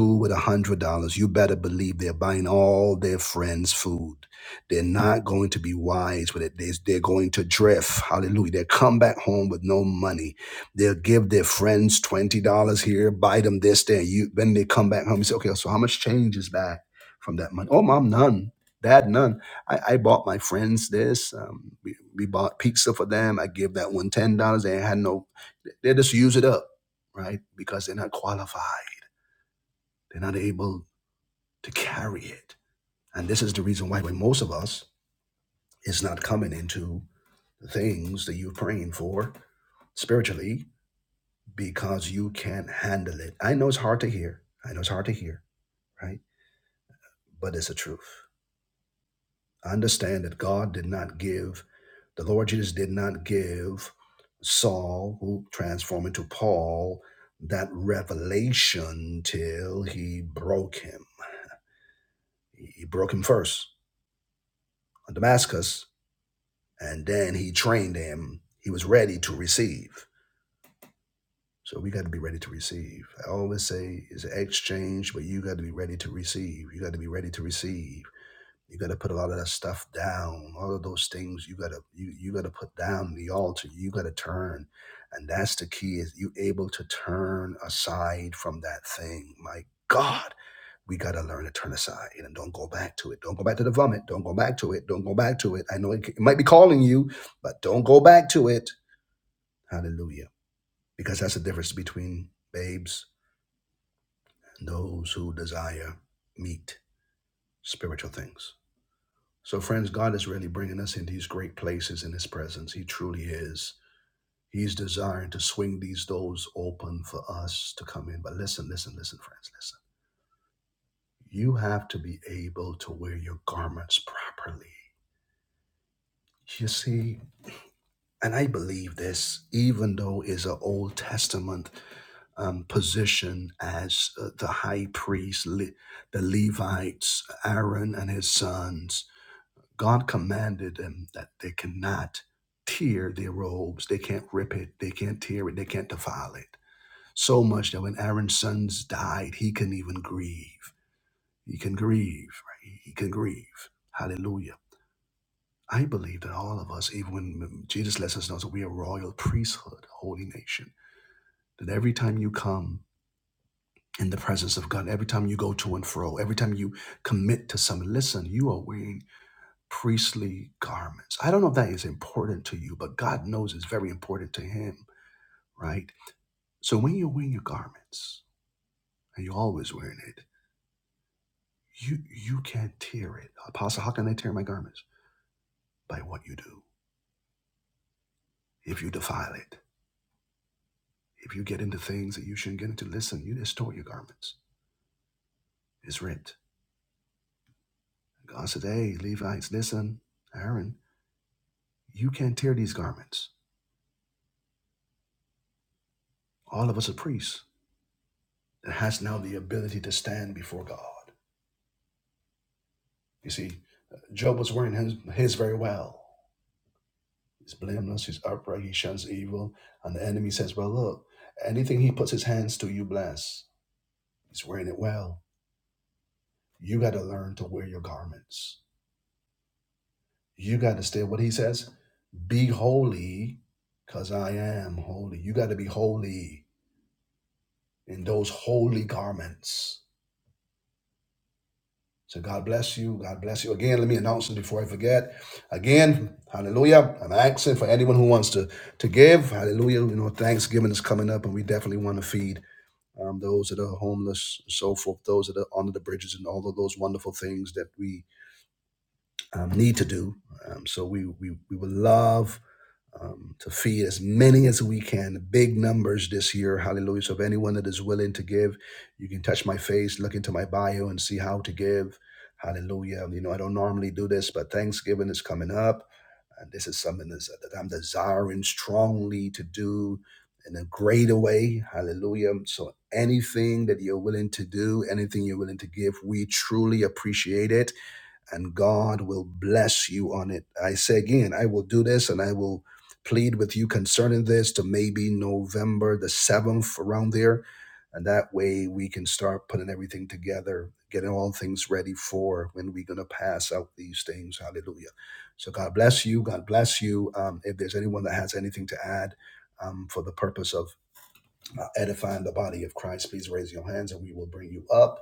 Speaker 1: Food, a hundred dollars, all going to be wise with it. They, they're going, hallelujah, they'll come back home with no money. They'll give their friends $20, buy them this. And you, when they come back home, you say, okay, so how much change is back from that money? Oh, none. I, I bought my friends this. Um, we, we bought pizza for them. I give that one ten dollars They had no, they just use it up, right? Because they're not qualified. They're not able to carry it. And this is the reason why when most of us is not coming into the things that you're praying for spiritually because you can't handle it. I know it's hard to hear. I know it's hard to hear, right? Exchange, but you got to be ready to receive. You got to be ready to receive. You got to put a lot of that stuff down. All of those things you got to you you got to put down the altar. You got to turn, and that's the key is you able to turn aside from that thing. My God, we got to learn to turn aside and don't go back to it. Don't go back to the vomit. Don't go back to it. Don't go back to it. I know it, it might be calling you, but don't go back to it. before God. You see, Job was wearing his, his very well. He's blameless, he's upright, he shuns evil. And the enemy says, Well, look, anything he puts his hands to, you bless. He's wearing it well. You got to learn to wear your garments. You got to stay what he says be holy, because I am holy. You got to be holy in those holy garments. So God bless you. God bless you. Again, let me announce it before I forget. Again, hallelujah. I'm asking for anyone who wants to to give. Hallelujah. You know, Thanksgiving is coming up, and we definitely want to feed um, those that are homeless, so forth, those that are under the bridges, and all of those wonderful things that we um, need to do. Um, so we, we we would love um, to feed as many as we can. Big numbers this year. Hallelujah. So, if anyone that is willing to give, you can touch my face, look into my bio, and see how to give. Hallelujah. You know, I don't normally do this, but Thanksgiving is coming up. And this is something that's, that I'm desiring strongly to do in a greater way. Hallelujah. So, anything that you're willing to do, anything you're willing to give, we truly appreciate it and God will bless you on it. I say again, I will do this and I will plead with you concerning this to maybe November the 7th around there. And that way we can start putting everything together, getting all things ready for when we're going to pass out these things. Hallelujah. So God bless you. God bless you. Um, if there's anyone that has anything to add, um, for the purpose of uh, edifying the body of Christ, please raise your hands and we will bring you up.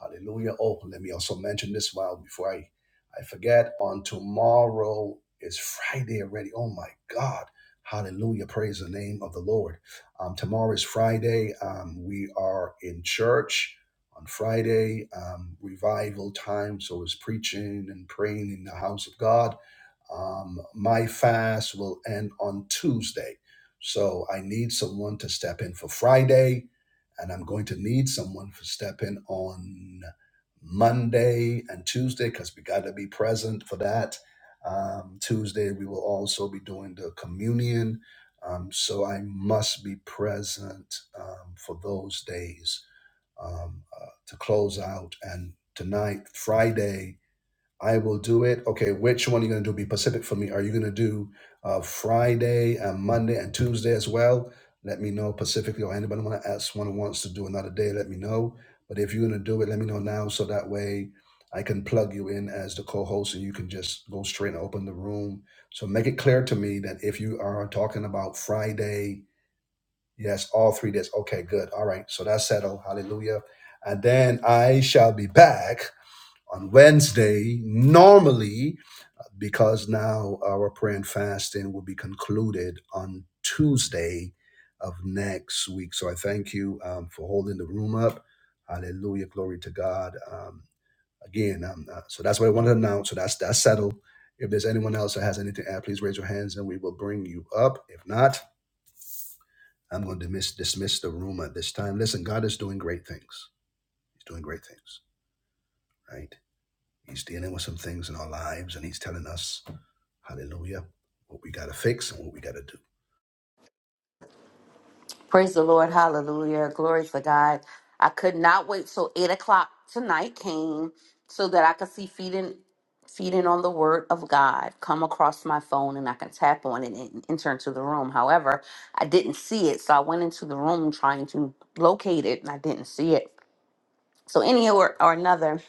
Speaker 1: Hallelujah. Oh, let me also mention this while before I, I forget. On tomorrow is Friday already. Oh my God. Hallelujah. Praise the name of the Lord. Um, tomorrow is Friday. Um, we are in church on Friday, um, revival time. So it's preaching and praying in the house of God. Um, my fast will end on Tuesday. So I need someone to step in for Friday and I'm going to need someone to step in on Monday and Tuesday because we got to be present for that. Um, Tuesday we will also be doing the communion, um, so I must be present um, for those days um, uh, to close out. And tonight, Friday, I will do it. Okay, which one are you going to do? Be Pacific for me. Are you going to do uh, Friday and Monday and Tuesday as well? Let me know Pacifically, or anybody want to ask one who wants to do another day. Let me know. But if you're going to do it, let me know now so that way I can plug you in as the co-host, and you can just go straight and open the room. So make it clear to me that if you are talking about Friday, yes, all three days. Okay, good. All right, so that's settled. Hallelujah. And then I shall be back on Wednesday, normally, because now our prayer and fasting will be concluded on Tuesday of next week. So I thank you um, for holding the room up. Hallelujah. Glory to God. Um, again, um, uh, so that's what I wanted to announce. So that's that's settled. If there's anyone else that has anything to add, please raise your hands and we will bring you up. If not, I'm going to dismiss, dismiss the room at this time. Listen, God is doing great things. He's doing great things, right? He's dealing with some things in our lives and he's telling us Hallelujah. What we got to fix and what
Speaker 2: Praise the Lord. Hallelujah. Glory to God. I could not wait till eight o'clock tonight came so that I could see feeding feeding on the word of God come across my phone and I can tap on it and enter into the room. However, I didn't see it. So I went into the room trying to locate it and I didn't see it. So any or, or another,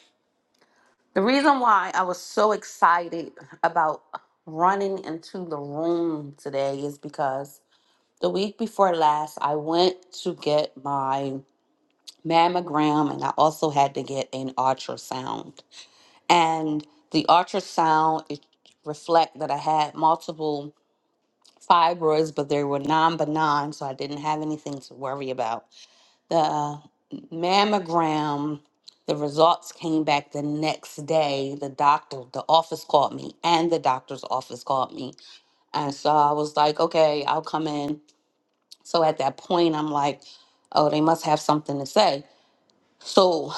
Speaker 2: the reason why I was so excited about running into the room today is because the week before last I went to get my mammogram and I also had to get an ultrasound. And the ultrasound it reflect that I had multiple fibroids, but they were non-benign, so I didn't have anything to worry about. The mammogram, the results came back the next day. The doctor, the office called me, and the doctor's office called me, and so I was like, okay, I'll come in. So at that point, I'm like, oh, they must have something to say. So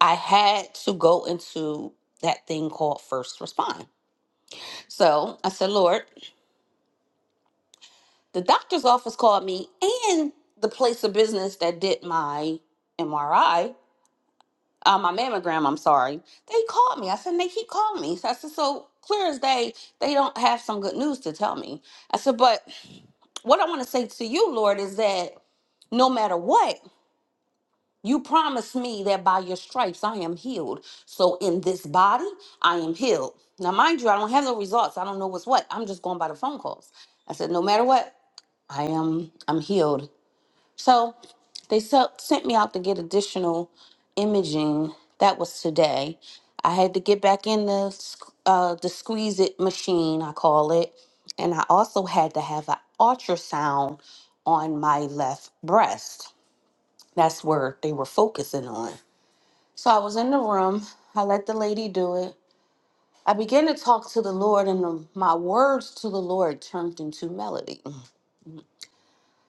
Speaker 2: I had to go into that thing called first respond. So I said, Lord, the doctor's office called me and the place of business that did my MRI, uh, my mammogram, I'm sorry, they called me. I said, and they keep calling me. So I said, so clear as day, they don't have some good news to tell me. I said, but what I want to say to you, Lord, is that no matter what, You promised me that by your stripes I am healed. So in this body, I am healed. Now, mind you, I don't have no results. I don't know what's what. I'm just going by the phone calls. I said, no matter what, I am I'm healed. So they se- sent me out to get additional imaging. That was today. I had to get back in the sq- uh, the squeeze it machine, I call it, and I also had to have an ultrasound on my left breast. That's where they were focusing on. So I was in the room. I let the lady do it. I began to talk to the Lord, and the, my words to the Lord turned into melody.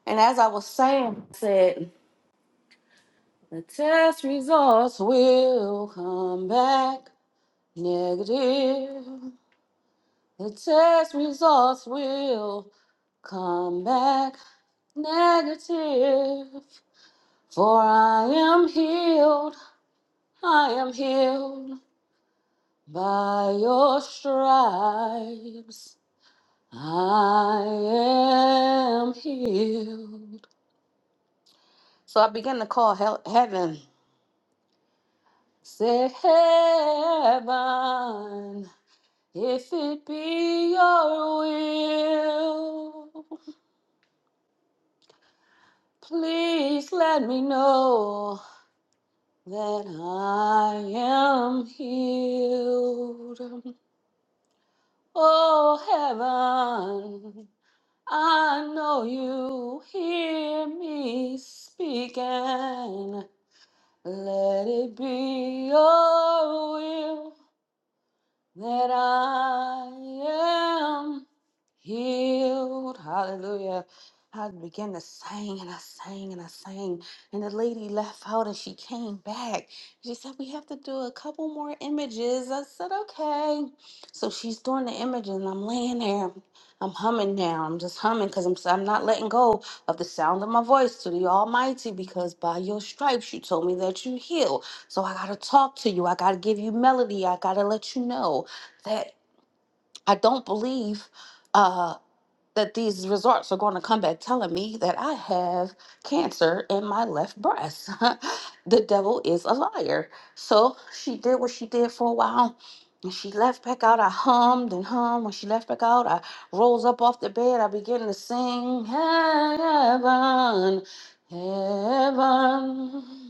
Speaker 2: And as I was saying, I said, The test results will come back negative. The test results will come back negative. For I am healed. I am healed by your stripes. I am healed. So I began to call hell, heaven. Say, heaven, if it be your will, please let me know that I am healed. Oh, heaven, I know you hear me speaking. Let it be your will that I am healed. Hallelujah. I began to sing and I sang and I sang. And the lady left out and she came back. She said, We have to do a couple more images. I said, Okay. So she's doing the images and I'm laying there. I'm humming now. I'm just humming because I'm, i I'm not letting go of the sound of my voice to the Almighty because by your stripes you told me that you heal. So I got to talk to you. I got to give you melody. I got to let you know that I don't believe. Uh, that these results are going to come back telling me that I have cancer in my left breast. the devil is a liar. So she did what she did for a while. And she left back out. I hummed and hummed. When she left back out, I rose up off the bed. I began to sing, Heaven, Heaven.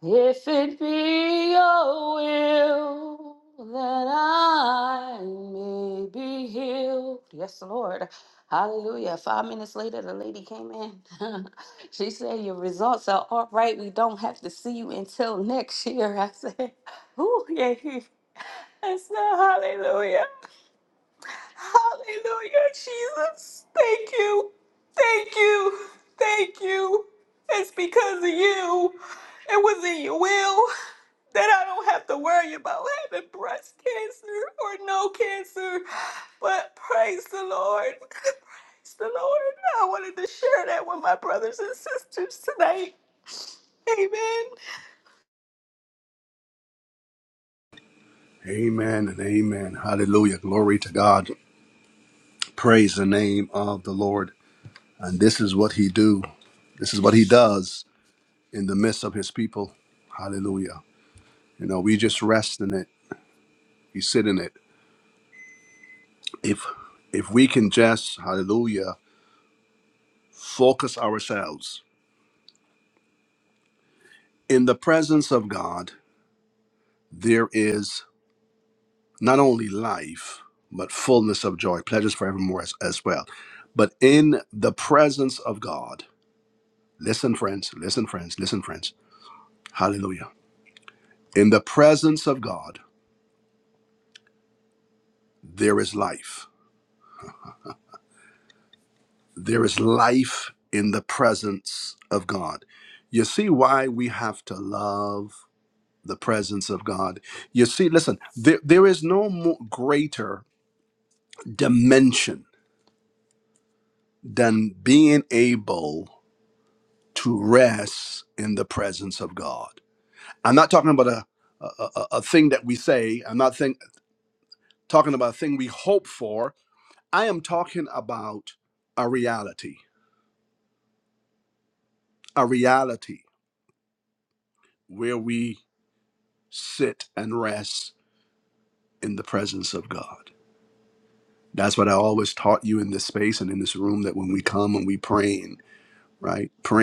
Speaker 2: If it be your will that I may be healed. Yes, Lord. Hallelujah. Five minutes later, the lady came in. she said, Your results are all right. We don't have to see you until next year. I said, Ooh, yeah. I said, Hallelujah. Hallelujah, Jesus. Thank you. Thank you. Thank you. It's because of you. It was in your will that I don't have to worry about having breast cancer or no cancer. But praise the Lord. Praise the Lord. I wanted to share that with my brothers and sisters tonight. Amen.
Speaker 1: Amen and amen. Hallelujah. Glory to God. Praise the name of the Lord. And this is what he do. This is what he does in the midst of his people. Hallelujah. You know, we just rest in it. We sit in it. If if we can just, hallelujah, focus ourselves in the presence of God, there is not only life, but fullness of joy, pleasures forevermore as, as well. But in the presence of God, Listen, friends, listen, friends, listen, friends. Hallelujah. In the presence of God. I'm not talking about a, a, a, a thing that we say, I'm not think, talking about a thing we hope for. I am talking about a reality, a reality where we sit and rest in the presence of God. That's what I always taught you in this space and in this room that when we come and we praying, right? Praise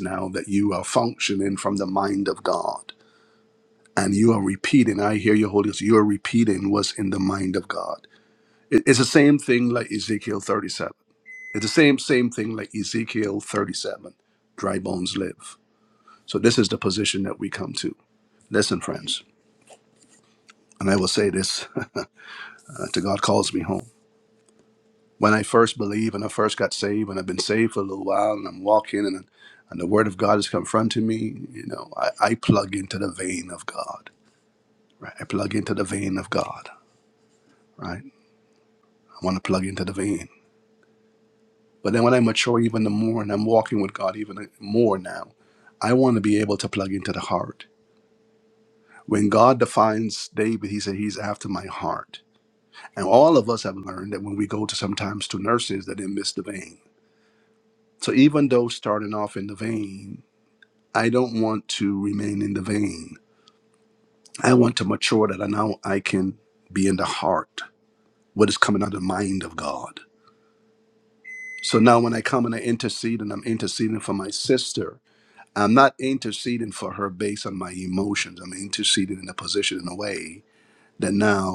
Speaker 1: now that you are functioning from the mind of God and you are repeating. I hear your Holy Ghost. You are repeating what's in the mind of God. It- It's the same thing like Ezekiel 37. It's the same same thing like Ezekiel 37. Dry bones live. So this is the position that we come to. Listen, friends, and I will say this uh, till God calls me home. When I first believed and I first got saved, and I've been saved for a little while, and I'm walking, and and the Word of God is confronting me, you know, I, I plug into the vein of God. Right? I plug into the vein of God. Right? I want to plug into the vein. But then when I mature even the more and I'm walking with God even more now, I want to be able to plug into the heart. When God defines David, he said he's after my heart. And all of us have learned that when we go to sometimes to nurses that they miss the vein. So even though starting off in the vein, I don't want to remain in the vein. I want to mature that I now I can be in the heart, what is coming out of the mind of God. So now when I come and I intercede and I'm interceding for my sister, I'm not interceding for her based on my emotions. I'm interceding in a position in a way that now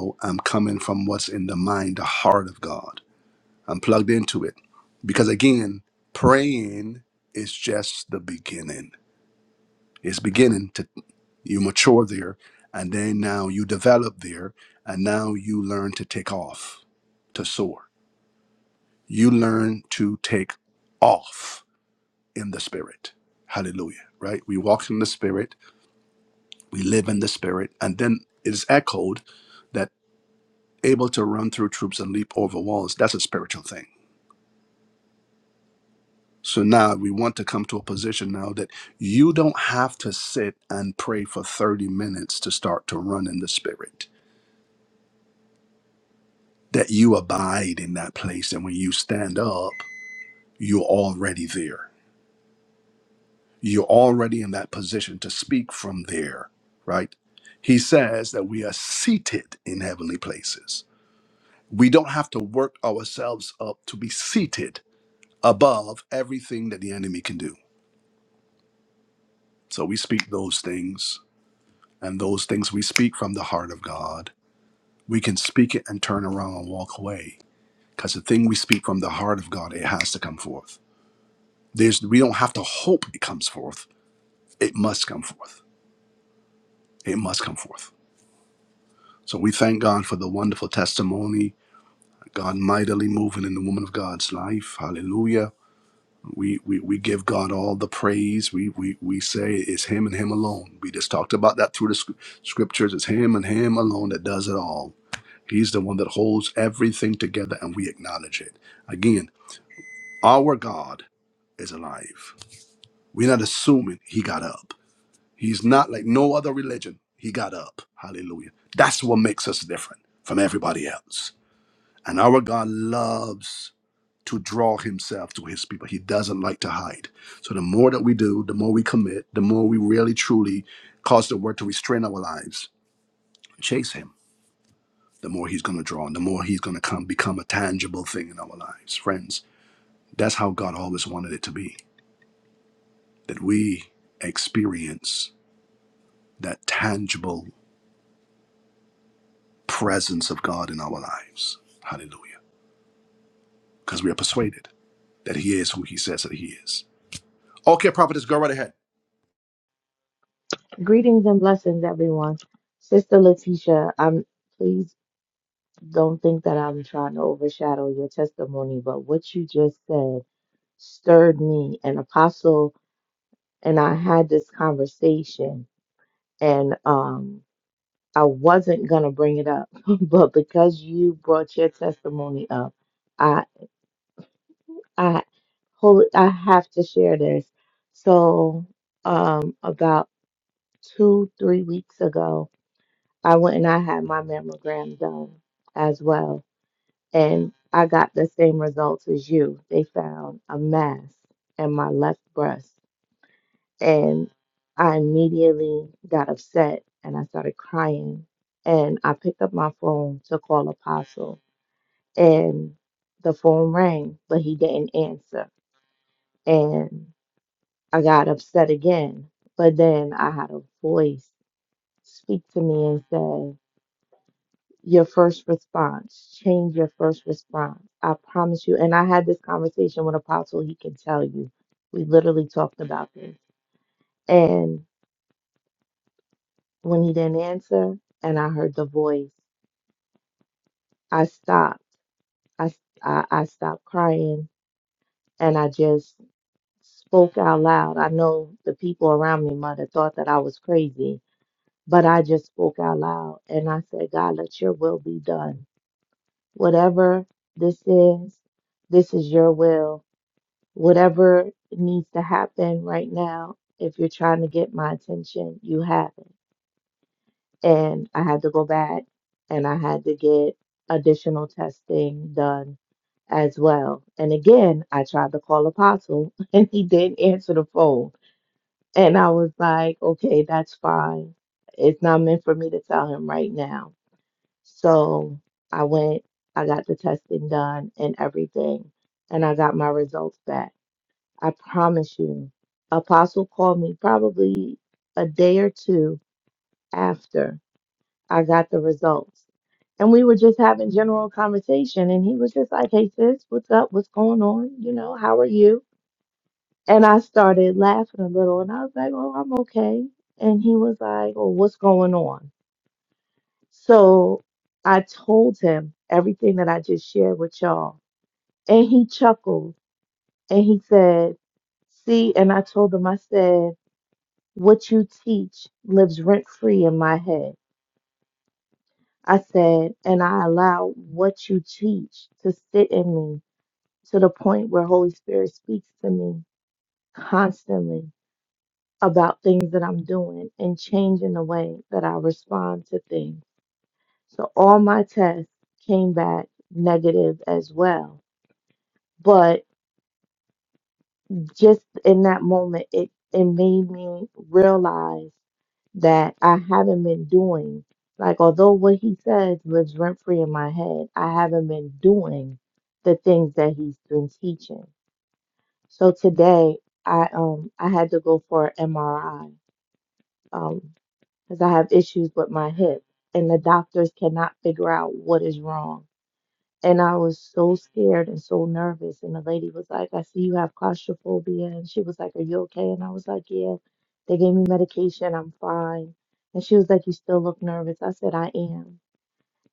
Speaker 3: Greetings and blessings, everyone. Sister Letitia, um, please don't think that I'm trying to overshadow your testimony, but what you just said stirred me. An apostle and I had this conversation, and um, I wasn't gonna bring it up, but because you brought your testimony up, I, I, holy, I have to share this. So, um, about two, three weeks ago, I went and I had my mammogram done as well. And I got the same results as you. They found a mass in my left breast. And I immediately got upset and I started crying. And I picked up my phone to call Apostle. And the phone rang, but he didn't answer. And I got upset again. But then I had a voice speak to me and said, your first response. Change your first response. I promise you. And I had this conversation with Apostle, he can tell you. We literally talked about this. And when he didn't answer and I heard the voice, I stopped. I, I, I stopped crying and I just spoke out loud. I know the people around me might have thought that I was crazy, but I just spoke out loud and I said, God, let your will be done. Whatever this is, this is your will Whatever needs to happen right now, if you're trying to get my attention, you have it. And I had to go back and I had to get additional testing done as well. And again, I tried to call Apostle and he didn't answer the phone. And I was like, okay, that's fine. It's not meant for me to tell him right now. So I went, I got the testing done and everything, and I got my results back. I promise you. Apostle called me probably a day or two after I got the results. And we were just having general conversation and he was just like, Hey sis, what's up? What's going on? You know, how are you? And I started laughing a little and I was like, Oh, I'm okay. And he was like, Oh, what's going on? So I told him everything that I just shared with y'all. And he chuckled and he said, See, and I told him, I said, What you teach lives rent free in my head. I said, and I allow what you teach to sit in me to the point where Holy Spirit speaks to me constantly about things that I'm doing and changing the way that I respond to things. So all my tests came back negative as well. but. just in that moment, it, it made me realize that I haven't been doing. Like, although what he says lives rent free in my head, I haven't been doing the things that he's been teaching. So today, I um I had to go for an MRI um because I have issues with my hip, and the doctors cannot figure out what is wrong. And I was so scared and so nervous. And the lady was like, I see you have claustrophobia. And she was like, Are you okay? And I was like, Yeah. They gave me medication. I'm fine. And she was like, You still look nervous. I said, I am.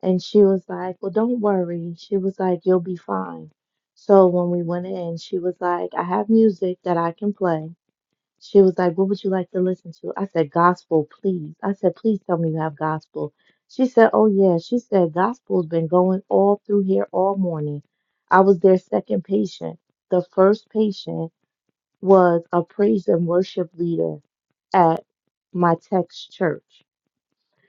Speaker 3: And she was like, Well, don't worry. She was like, You'll be fine. So when we went in, she was like, I have music that I can play. She was like, What would you like to listen to? I said, Gospel, please. I said, Please tell me you have gospel. She said, Oh, yeah. She said, Gospel's been going all through here all morning. I was their second patient. The first patient was a praise and worship leader at my text church.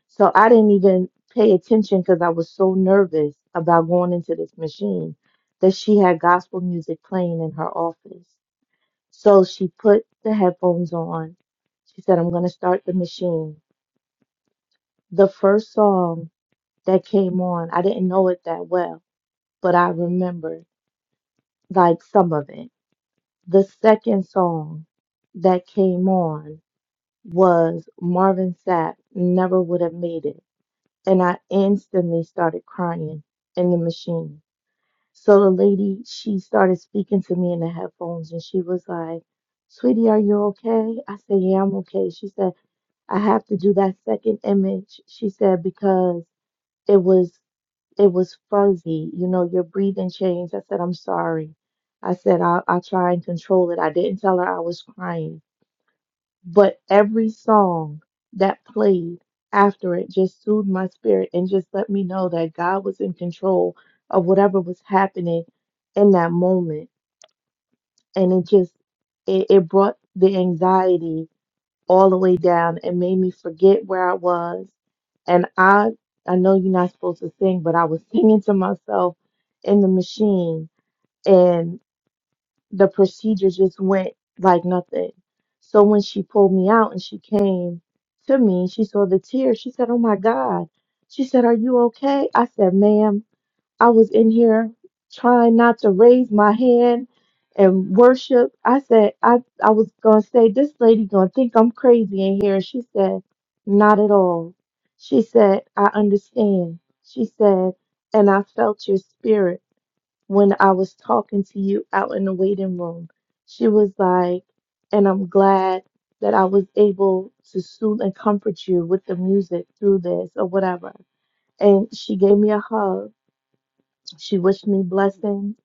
Speaker 3: So I didn't even pay attention because I was so nervous about going into this machine that she had gospel music playing in her office. So she put the headphones on. She said, I'm going to start the machine. The first song that came on, I didn't know it that well, but I remembered like some of it. The second song that came on was Marvin Sapp, Never Would Have Made It. And I instantly started crying in the machine. So the lady, she started speaking to me in the headphones and she was like, Sweetie, are you okay? I said, Yeah, I'm okay. She said, I have to do that second image, she said, because it was it was fuzzy. You know, your breathing changed. I said, I'm sorry. I said, I'll, I'll try and control it. I didn't tell her I was crying. But every song that played after it just soothed my spirit and just let me know that God was in control of whatever was happening in that moment. And it just it, it brought the anxiety all the way down and made me forget where I was. And I I know you're not supposed to sing, but I was singing to myself in the machine and the procedure just went like nothing. So when she pulled me out and she came to me, she saw the tears. She said, "Oh my God." She said, "Are you okay?" I said, "Ma'am." I was in here trying not to raise my hand and worship. I said, I, I was going to say, this lady going to think I'm crazy in here. she said, not at all. She said, I understand. She said, and I felt your spirit when I was talking to you out in the waiting room. She was like, and I'm glad that I was able to soothe and comfort you with the music through this or whatever. And she gave me a hug she wished me blessing,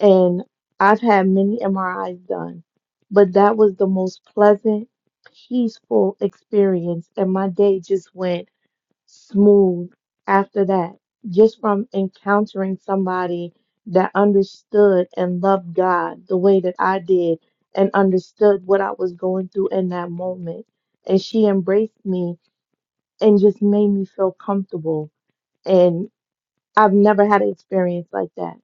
Speaker 3: and I've had many MRIs done, but that was the most pleasant, peaceful experience, and my day just went smooth after that, just from encountering somebody that understood and loved God the way that I did and understood what I was going through in that moment. And she embraced me and just made me feel comfortable. And I've never had an experience like that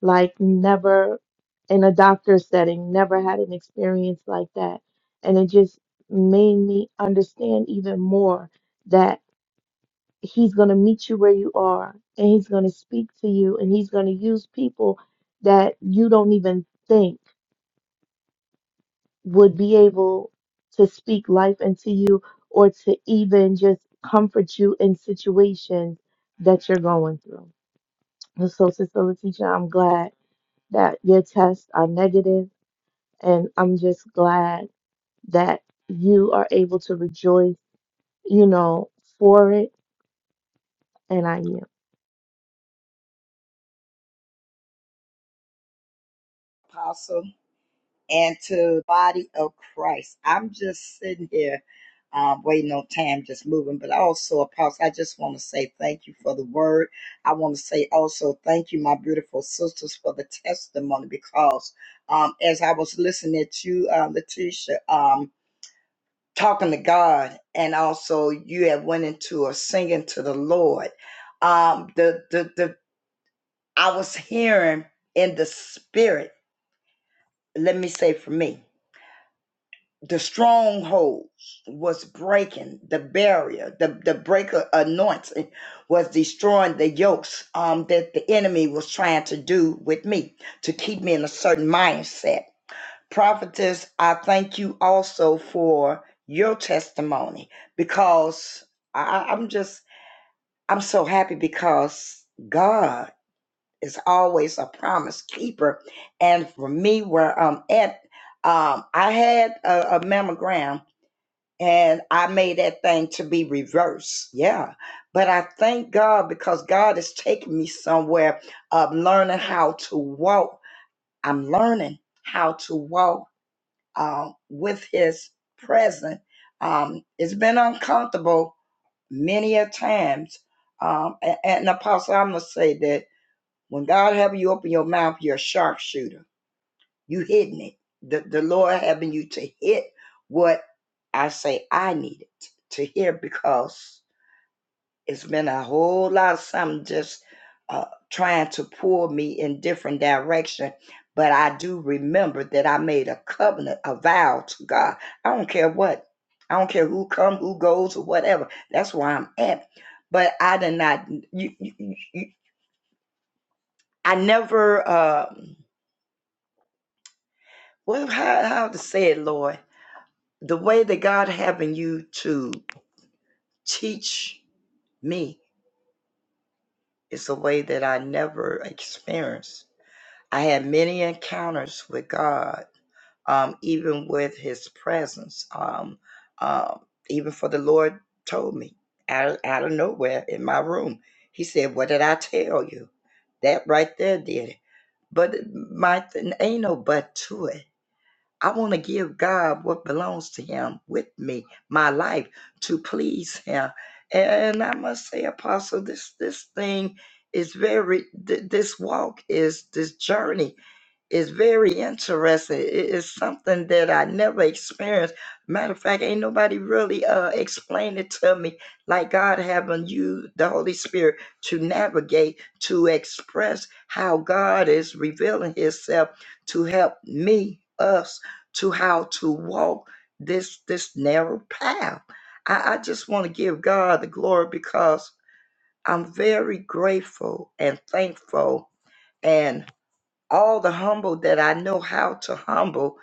Speaker 3: like never in a doctor setting, never had an experience like that. And it just made me understand even more that he's going to meet you where you are and he's going to speak to you and he's going to use people that you don't even think would be able to speak life into you or to even just comfort you in situations that you're going through. And so, Sister Letitia, I'm glad that your tests are negative And I'm just glad that you are able to rejoice, you know, for it. And I am.
Speaker 4: apostle and to body of Christ. I'm just sitting here um, waiting on time, just moving. But also, apostle, I just want to say thank you for the word. I want to say also thank you, my beautiful sisters, for the testimony because um, as I was listening to you, uh, Letitia, um, talking to God, and also you have went into a singing to the Lord. Um, the the the I was hearing in the spirit. Let me say for me. the strongholds was breaking the barrier the, the breaker anointing was destroying the yokes um, that the enemy was trying to do with me to keep me in a certain mindset prophetess i thank you also for your testimony because I, I- am just i'm so happy because god is always a promise keeper and for me where i'm at um, i had a, a mammogram and I made that thing to be reversed. Yeah. But I thank God because God is taking me somewhere of learning how to walk. I'm learning how to walk um, with His presence. Um, it's been uncomfortable many a times. Um, a- and, Apostle, I'm going to say that when God have you open your mouth, you're a sharpshooter you hitting it. The the Lord having you to hit what I say I needed to hear because it's been a whole lot of something just uh, trying to pull me in different direction. But I do remember that I made a covenant, a vow to God. I don't care what. I don't care who come, who goes, or whatever. That's where I'm at. But I did not. You, you, you, you- I never. Um, well, how how to say it, Lord? the way that God having you to teach me is a way that I never experienced. I had many encounters with God, um, even with His presence. Um, um, even for the Lord told me out of, out of nowhere in my room, He said, "What did I tell you?" That right there did it. But my th- ain't no but to it I want to give God what belongs to Him with me, my life, to please Him. And I must say, Apostle, this this thing is very. th- This walk is this journey is very interesting. It is something that I never experienced. Matter of fact, ain't nobody really uh, explained it to me like God having you, the Holy Spirit, to navigate, to express how God is revealing Himself to help me, us to how to walk this this narrow path. I, I just want to give God the glory because I'm very grateful and thankful and all the humble that I know how to humble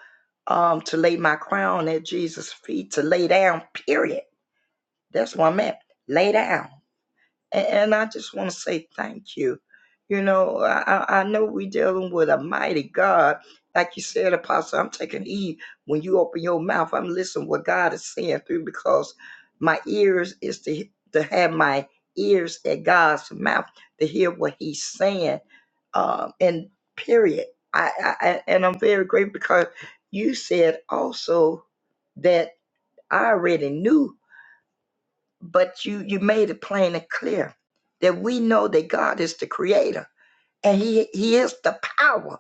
Speaker 4: um to lay my crown at Jesus' feet, to lay down, period. That's where I'm at. Lay down. And, and I just want to say thank you. You know, I, I I know we're dealing with a mighty God. Like you said, Apostle, I'm taking heed when you open your mouth. I'm listening what God is saying through because my ears is to, to have my ears at God's mouth to hear what he's saying. Um, and period. I, I, I- and I'm very grateful because you said also that I already knew but you you made it plain and clear that we know that God is the creator and he he is the power.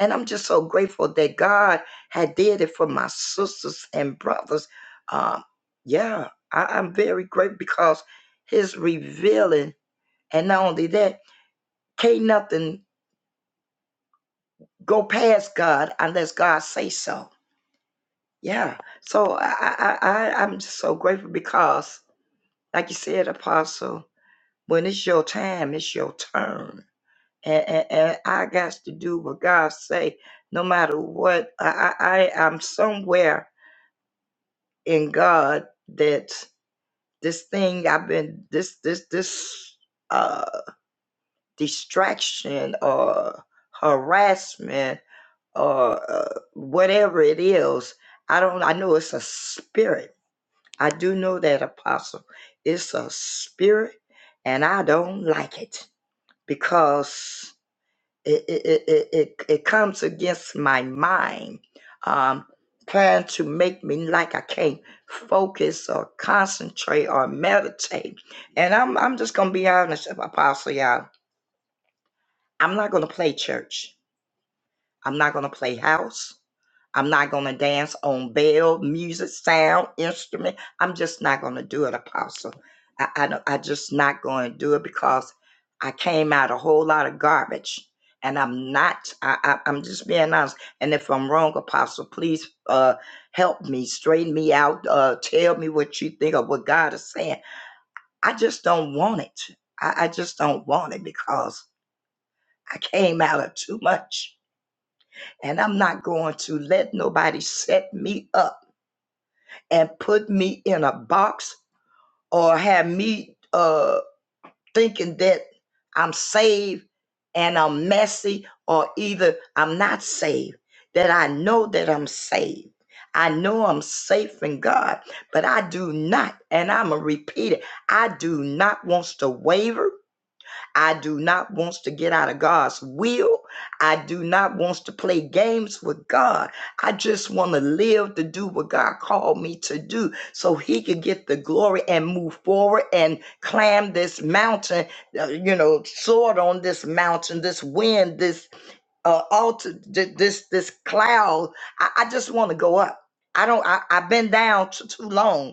Speaker 4: And I'm just so grateful that God had did it for my sisters and brothers. Um, yeah, I, I'm very grateful because his revealing and not only that, can't nothing go past God unless God say so. Yeah. So I, I, I I'm just so grateful because like you said, Apostle, when it's your time, it's your turn and, and, and I got to do what God say, no matter what. I, I I- I'm somewhere in God that this thing I've been this this this uh distraction or harassment or uh, whatever it is. I don't. I know it's a spirit. I do know that apostle. It's a spirit, and I don't like it because it it it it, it comes against my mind um trying to make me like I can't focus or concentrate or meditate. And I'm I'm just gonna be honest, Apostle y'all. I'm not gonna play church. I'm not gonna play house. I'm not going to dance on bell, music, sound, instrument. I'm just not going to do it, Apostle. I, I, don't- just not going to do it because I came out a whole lot of garbage. And I'm not, I, I, I'm just being honest. And if I'm wrong, Apostle, please uh, help me, straighten me out, uh, tell me what you think of what God is saying. I just don't want it. I, I just don't want it because I came out of too much. And I'm not going to let nobody set me up and put me in a box or have me uh, thinking that I'm saved and I'm messy, or either I'm not saved, that I know that I'm saved. I know I'm safe in God, but I do not, and I'm going to repeat it I do not want to waver. I do not want to get out of God's will. I do not want to play games with God. I just want to live to do what God called me to do so he could get the glory and move forward and climb this mountain, uh, you know, soar on this mountain, this wind, this uh, altar, th- this this cloud. I, I just want to go up. I don't I, I've been down t- too long.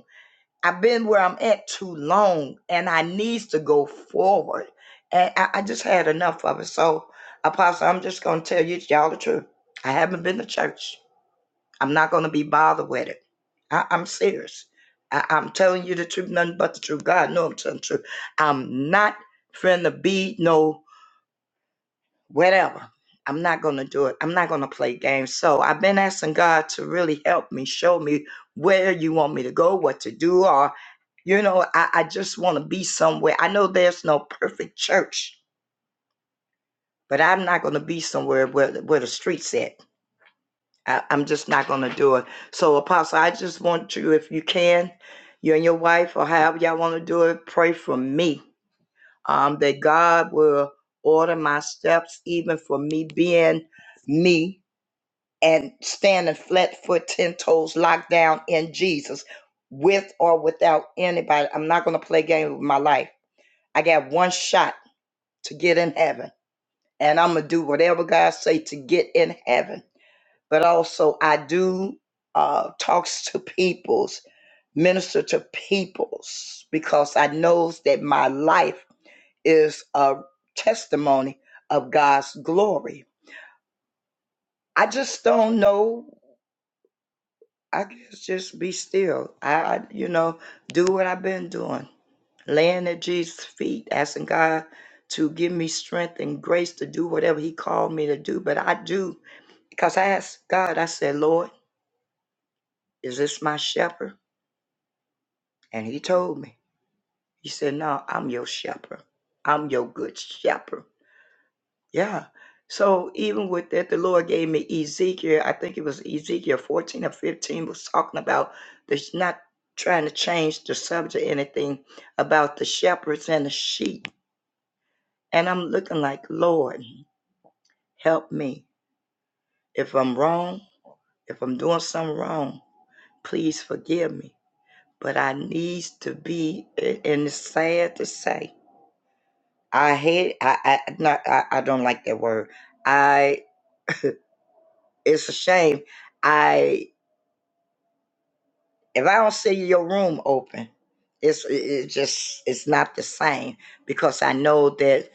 Speaker 4: I've been where I'm at too long and I needs to go forward. And I, I just had enough of it. So, Apostle, I'm just going to tell you, y'all, the truth. I haven't been to church. I'm not going to be bothered with it. I, I'm serious. I, I'm telling you the truth, nothing but the truth. God knows I'm telling the truth. I'm not finna be no whatever. I'm not going to do it. I'm not going to play games. So I've been asking God to really help me, show me where you want me to go, what to do. or. You know, I, I just want to be somewhere. I know there's no perfect church, but I'm not going to be somewhere where, the- where the streets at. I, I'm just not going to do it. So, Apostle, I just want you, if you can, you and your wife, or however y'all want to do it, pray for me um, that God will order my steps, even for me being me and standing flat foot, 10 toes locked down in Jesus with or without anybody. I'm not going to play games with my life. I got one shot to get in heaven. And I'm gonna do whatever God say to get in heaven. But also I do uh talks to peoples, minister to peoples, because I knows that my life is a testimony of God's glory. I just don't know I guess just be still. I, I, you know, do what I've been doing, laying at Jesus' feet, asking God to give me strength and grace to do whatever He called me to do. But I do because I asked God. I said, Lord, is this my shepherd? And He told me. He said, No, I'm your shepherd. I'm your good shepherd. Yeah. So even with that, the Lord gave me Ezekiel. I think it was Ezekiel 14 or 15 was talking about this not trying to change the subject, or anything about the shepherds and the sheep. And I'm looking like, Lord, help me. If I'm wrong, if I'm doing something wrong, please forgive me. But I needs to be, a- and it's sad to say, I hate, I, I, not, I, I don't like that word. I, it's a shame. I if I don't see your room open, it's it just it's not the same because I know that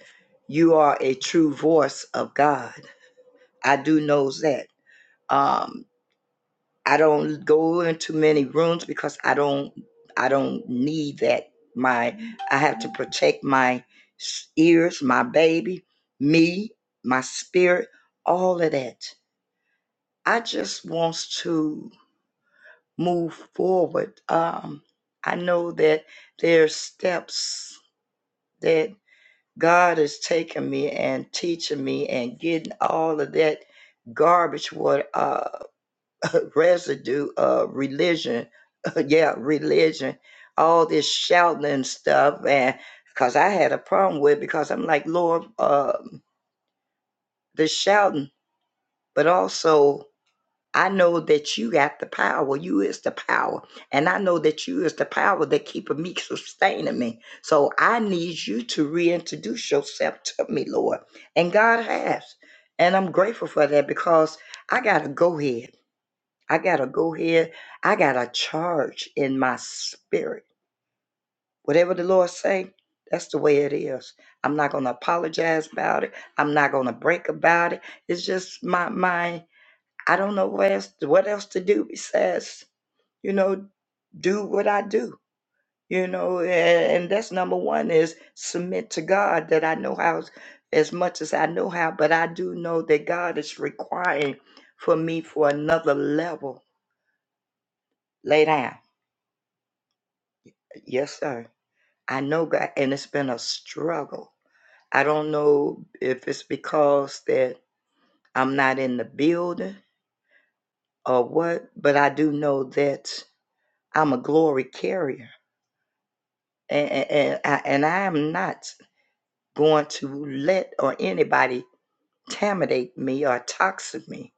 Speaker 4: you are a true voice of God. I do know that. Um, I don't go into many rooms because I don't I don't need that. My I have to protect my s- ears, my baby, me, my spirit, all of that. I just wants to. move forward. Um, I know that there's steps that God has taken me and teaching me and getting all of that garbage, what uh, residue of religion, yeah, religion, all this shouting and stuff, and because I had a problem with it because I'm like, Lord, um the shouting, but also I know that you got the power. You is the power. And I know that you is the power that keeping me, sustaining me. So I need you to reintroduce yourself to me, Lord. And God has. And I'm grateful for that because I got to go here. I got to go here. I got a charge in my spirit. Whatever the Lord say, that's the way it is. I'm not going to apologize about it. I'm not going to break about it. It's just my my. I don't know what else what else to do besides, you know, do what I do. You know, and, and that's number one is submit to God that I know how as much as I know how, but I do know that God is requiring for me for another level. Lay down. Yes, sir. I know God and it's been a struggle. I don't know if it's because that I'm not in the building or what, but I do know that I'm a glory carrier and, and, I, and I am not going to let or anybody intimidate me or toxic me.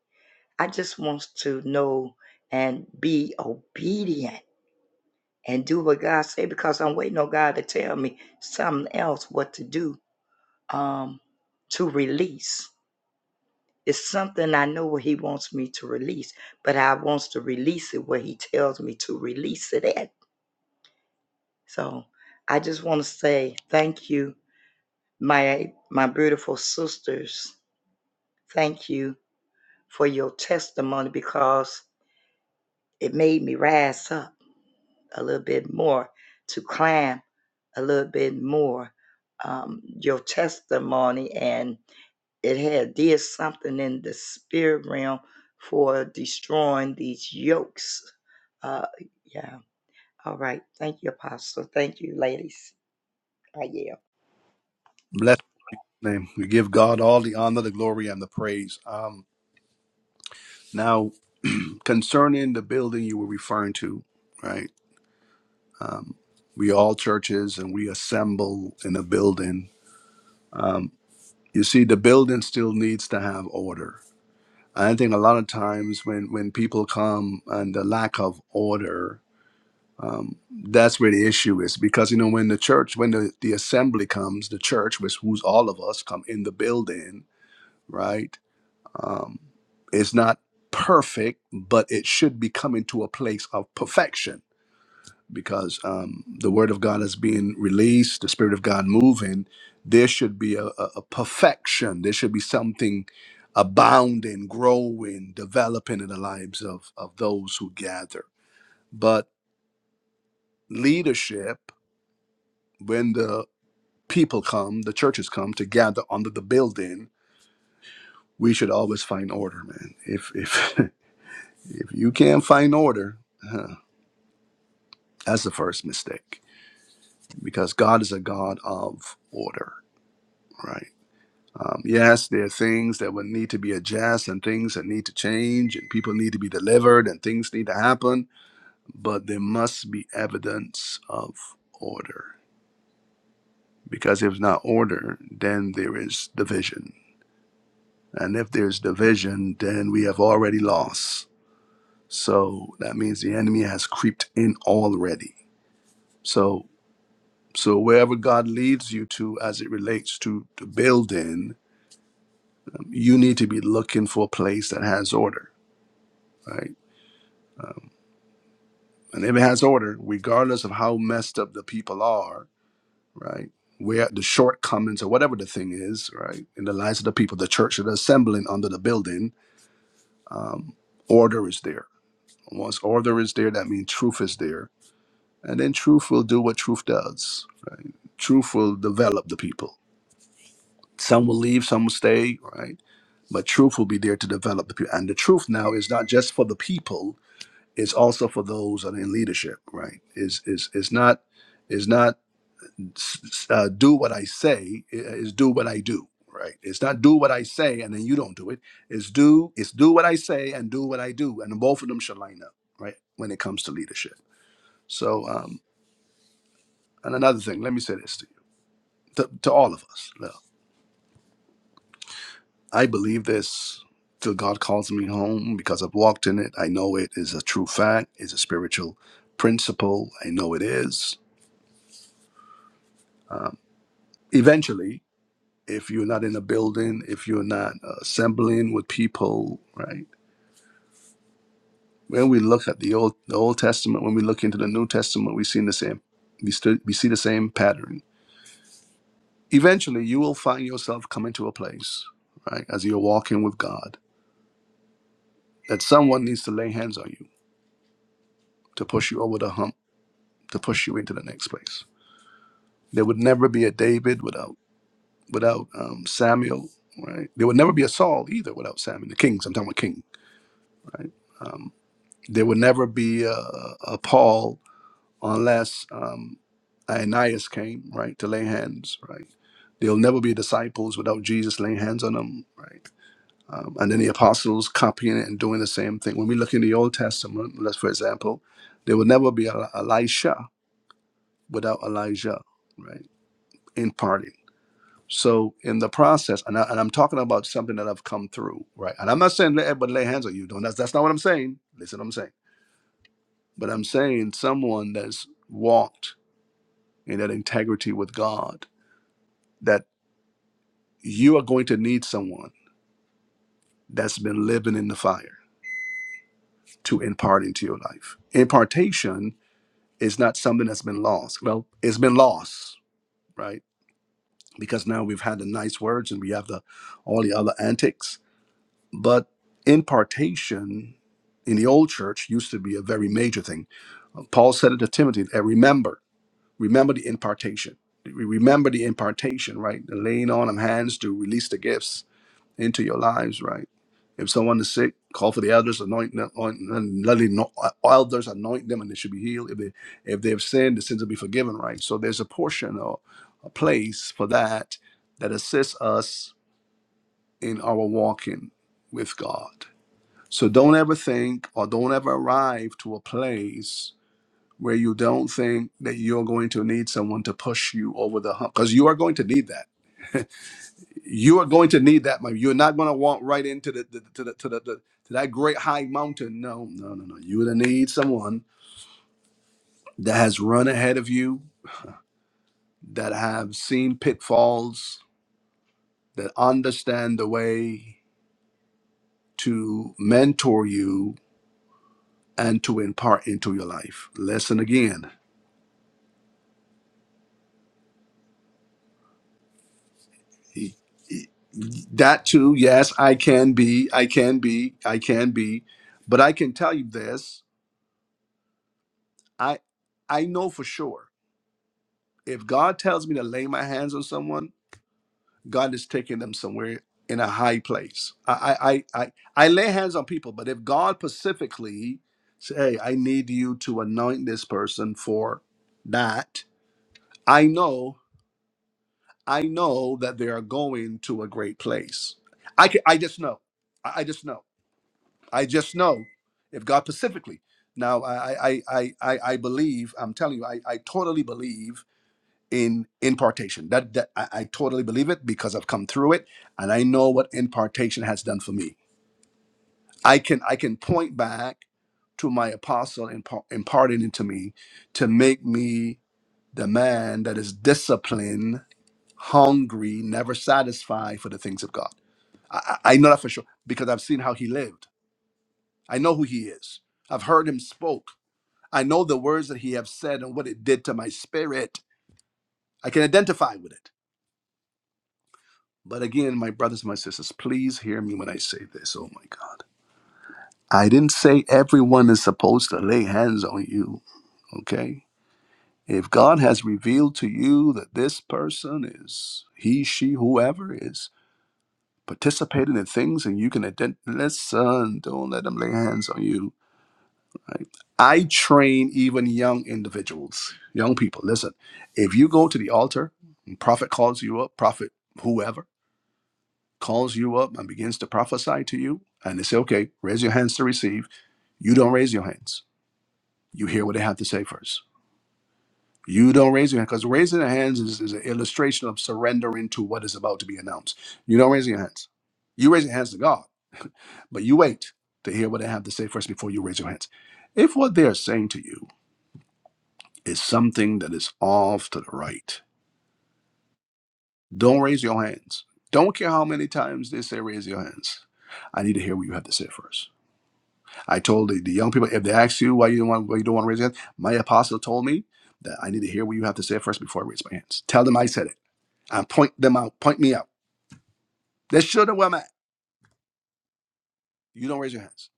Speaker 4: I just want to know and be obedient and do what God say because I'm waiting on God to tell me something else what to do um, to release. It's something I know what He wants me to release, but I wants to release it where He tells me to release it at. So I just want to say thank you my my beautiful sisters thank you for your testimony because it made me rise up a little bit more to climb a little bit more um, your testimony and it had did something in the spirit realm for destroying these yokes uh, yeah all right thank you apostle thank you ladies I yield.
Speaker 1: takes of perfection because um, the word of God is being released, the spirit of God moving. There should be a, a, a perfection. There should be something abounding, growing, developing in the lives of, of those who gather. But leadership, when the people come, the churches come to gather under the building, we should always find order, man. If if s- uh, do what I say is do what I do. Right? It's not do what I say and then you don't do it. It's do it's do what I say and do what I do, and both of them should line up. Right? When it comes to leadership. So, um, and another thing, let me say this to you, to, to all of us. Look, I believe this till God calls me home because I've walked in it. I know it is a true fact. It's a spiritual. And then the apostles copying it and doing the same thing. When we look in the Old Testament, let's for example, there will never be a, Elisha without Elijah party. So in the process, and, I, and I'm talking about something that I've come through, right? And I'm not saying let everybody lay hands on you. Don't. That's that's not what I'm saying. Listen, to what I'm saying, but I'm saying someone that's walked in integrity with God. We Remember the impartation, right? The laying on of hands to release the gifts into your lives, right? If someone is sick, call for the elders, anoint, anoint let the ano- elders anoint them, and they should be healed. If they if they have sinned, the sins will be forgiven, right? So there's a portion or a place for that that assists us in our walking with God. So don't ever think or don't ever arrive to a place where you don't think that you're going to need someone to push you over the hump because you are going to need that. You are going to need that. man. You're not going to walk right into the, the to the to the, the to that great high mountain. No, no, no, no. You're going to need someone that has run ahead of you, that have seen pitfalls, that understand the way to mentor you and to impart into your life. Listen again. He- he- That too, yes, I can be, I can be, I can be, but I can tell you this: I, I know for sure. If God tells me to lay my hands on someone, God is taking them somewhere in a high place. I, I, I, I, I lay hands on people, but if God specifically say, "Hey, I need you to anoint this person for that," I know. I know that they are going to a great place. I can, I just know. I, I just know. I just know. If God specifically. Now I I I I, I believe, I'm telling you, I, I totally believe in impartation. That that I, I totally believe it because I've come through it and I know what impartation has done for me. I can I can point back to my apostle impar- imparting into me to make me the man that is disciplined hungry, never satisfied for the things of God. I, I I know that for sure because I've seen how he lived. I know who he is. I've heard him spoke. I know the words that he have said and what it did to my spirit. I can identify with it. But again, my brothers and my sisters, please hear me when I say this. Oh my God. I didn't say everyone is supposed to lay hands on you, okay? If God has revealed to you that this person is he, she, whoever is participating in things and you can ident- listen don't let them lay hands on you right? i train even young individuals young people listen to you is something that is off to the right don't raise your hands don't care how many times they say raise your hands i need to hear what you have to say first i told the, the young people if they ask you why you don't want why you don't want to raise your hands my apostle told me that i need to hear what you have to say first before i raise my hands tell them i said it and point them out point me out they should have where i'm at you don't raise your hands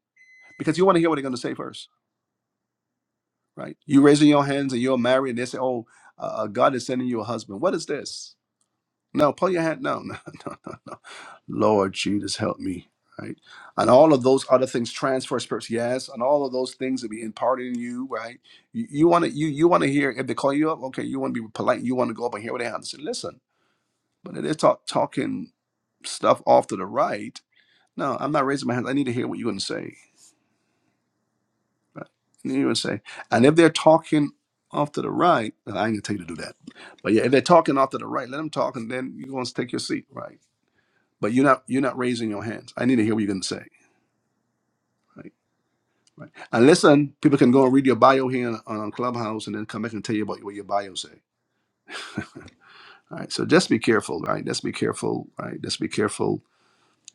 Speaker 1: be careful right Just be careful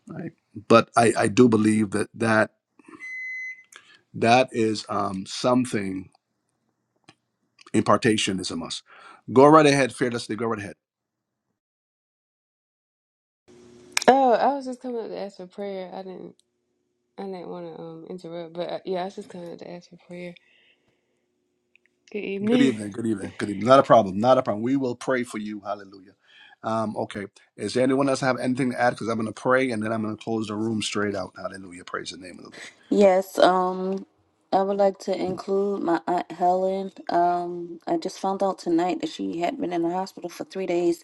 Speaker 1: right? But I, I do believe that that that is um, something impartation is a must. Go right ahead, fearlessly. Go right ahead.
Speaker 5: Oh, I was just coming up to ask for prayer. I didn't, I didn't want to um interrupt, but uh, yeah, I was just coming up to ask for prayer. Good
Speaker 1: Good
Speaker 5: evening.
Speaker 1: evening. Good evening. Good evening. Not a problem. Not a problem. We will pray for you. Hallelujah. Um, okay. Is there anyone else have anything to add? Because I'm going to pray and then I'm going to close the room straight out. Hallelujah. Praise the name of the Lord.
Speaker 2: Yes, um, I would like to include my aunt Helen. Um, I just found out tonight that she had been in the hospital for three days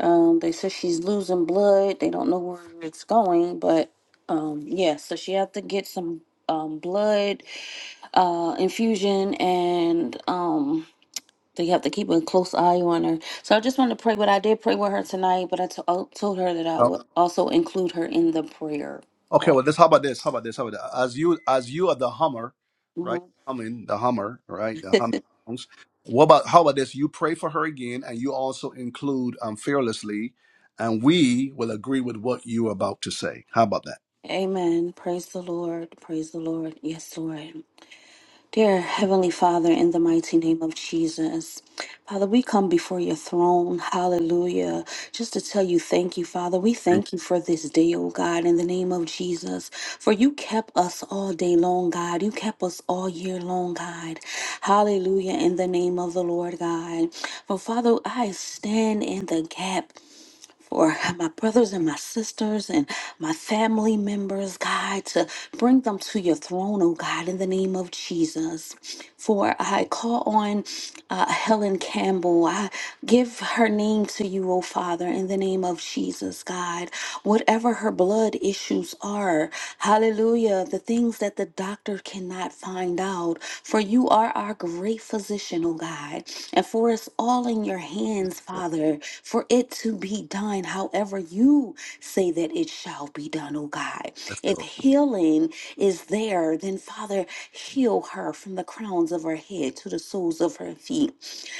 Speaker 2: Um, they said she's losing blood. They don't know where it's going, but um, yeah, so she had to get some um, blood uh, infusion and um, they have to keep a close eye on her. So I just wanted to pray, but I did pray with her tonight, but I to- I told her that I
Speaker 1: Mm.
Speaker 2: would also include her in the prayer
Speaker 1: Okay,
Speaker 2: call.
Speaker 1: well, this. How about this? How about this? How about that? As you, as you are the Hummer, right?
Speaker 2: Mhm.
Speaker 1: I mean, the Hummer, right? The Hummer. songs. What about? How about this? You pray for her again, and you also include um, fearlessly, and we will agree with what you are about to say. How about that?
Speaker 2: Amen. Praise the Lord. Praise the Lord. Yes, Lord. Dear Heavenly Father, in the mighty name of Jesus, Father, we come before your throne, hallelujah, just to tell you thank you, Father. We thank you for this day, oh God, in the name of Jesus, for you kept us all day long, God. You kept us all year long, God. Hallelujah, in the name of the Lord, God. For Father, I stand in the gap for my brothers and my sisters and my family members, God, to bring them to your throne, oh God, in the name of Jesus. For I call on uh, Helen Campbell. I give her name to you, oh Father, in the name of Jesus, God. Whatever her blood issues are, hallelujah, the things that the doctor cannot find out. For you are our great physician, oh God. And for us all, calling your hands, Father, for it to be done however you say that it shall be done, oh God. If healing is there, then Father, heal her from the crowns of her head to the soles of her feet.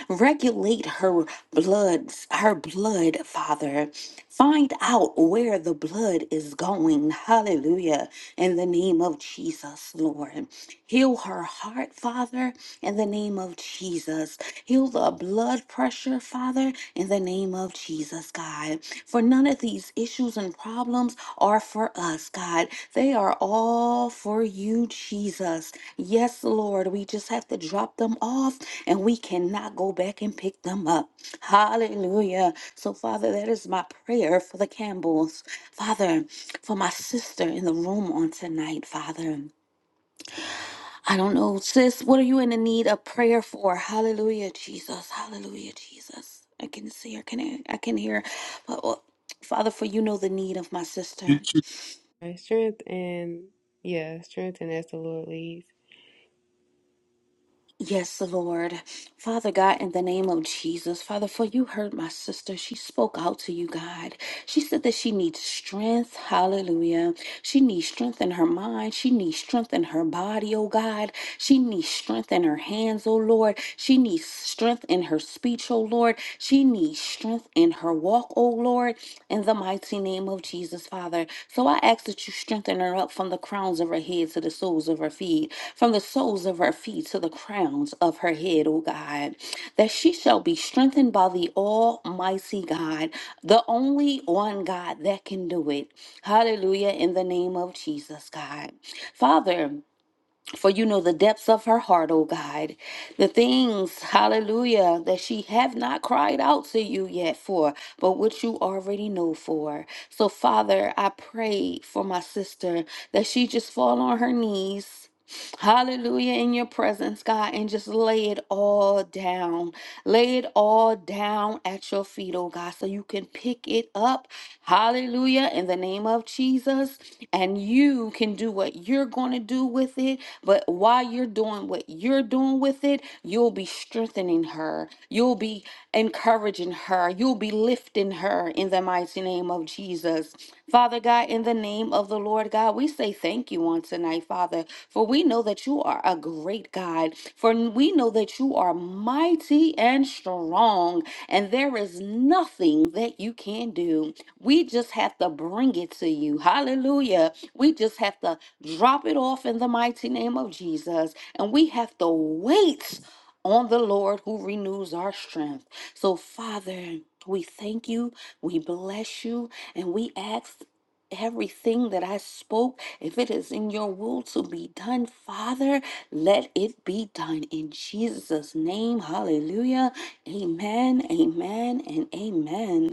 Speaker 2: Regulate her bloods, her blood, Father. Find out where the blood is going. Hallelujah. In the name of Jesus, Lord. Heal her heart, Father in the name of Jesus. Heal the blood pressure, Father, in the name of Jesus, God. For none of these issues and problems are for us, God. They are all for you, Jesus. Yes, Lord, we just have to drop them off and we cannot go back and pick them up. Hallelujah. So, Father, that is my prayer for the Campbells. Father, for my sister in the room on tonight, Father. I don't know, sis, what are you in the need of prayer for? Hallelujah, Jesus. Hallelujah, Jesus. I can see her, can I, I can hear. But, oh, Father, for you know the need of my sister.
Speaker 5: My strength and yeah, strength and as the Lord leads.
Speaker 2: Yes, Lord. Father God, in the name of Jesus, Father, for you heard my sister. She spoke out to you, God. She said that she needs strength. Hallelujah. She needs strength in her mind. She needs strength in her body, oh God. She needs strength in her hands, oh Lord. She needs strength in her speech, oh Lord. She needs strength in her walk, oh Lord. Lord, in the mighty name of Jesus, Father. So I ask that you strengthen her up from the crowns of her head to the soles of her feet, from the soles of her feet to the crowns of her head, O God, that she shall be strengthened by the Almighty God, the only one God that can do it. Hallelujah, in the name of Jesus, God. Father, for you know the depths of her heart, O God. The things, hallelujah, that she have not cried out to you yet for, but which you already know for. So, Father, I pray for my sister that she just fall on her knees. Hallelujah in your presence, God, and just lay it all down. Lay it all down at your feet, oh God, so you can pick it up. Hallelujah in the name of Jesus. And you can do what you're going to do with it. But while you're doing what you're doing with it, you'll be strengthening her. You'll be encouraging her. You'll be lifting her in the mighty name of Jesus. Father God, in the name of the Lord God, we say say thank you on tonight, Father, for we know that you are a great God, for we know that you are mighty and strong, and there is nothing that you can do. We just have to bring it to you. Hallelujah. We just have to drop it off in the mighty name of Jesus, and we have to wait on the Lord who renews our strength. So, Father, we thank you, we bless you, and we ask Everything that I spoke, if it is in your will to be done, Father, let it be done in Jesus' name. Hallelujah. Amen, amen, and amen.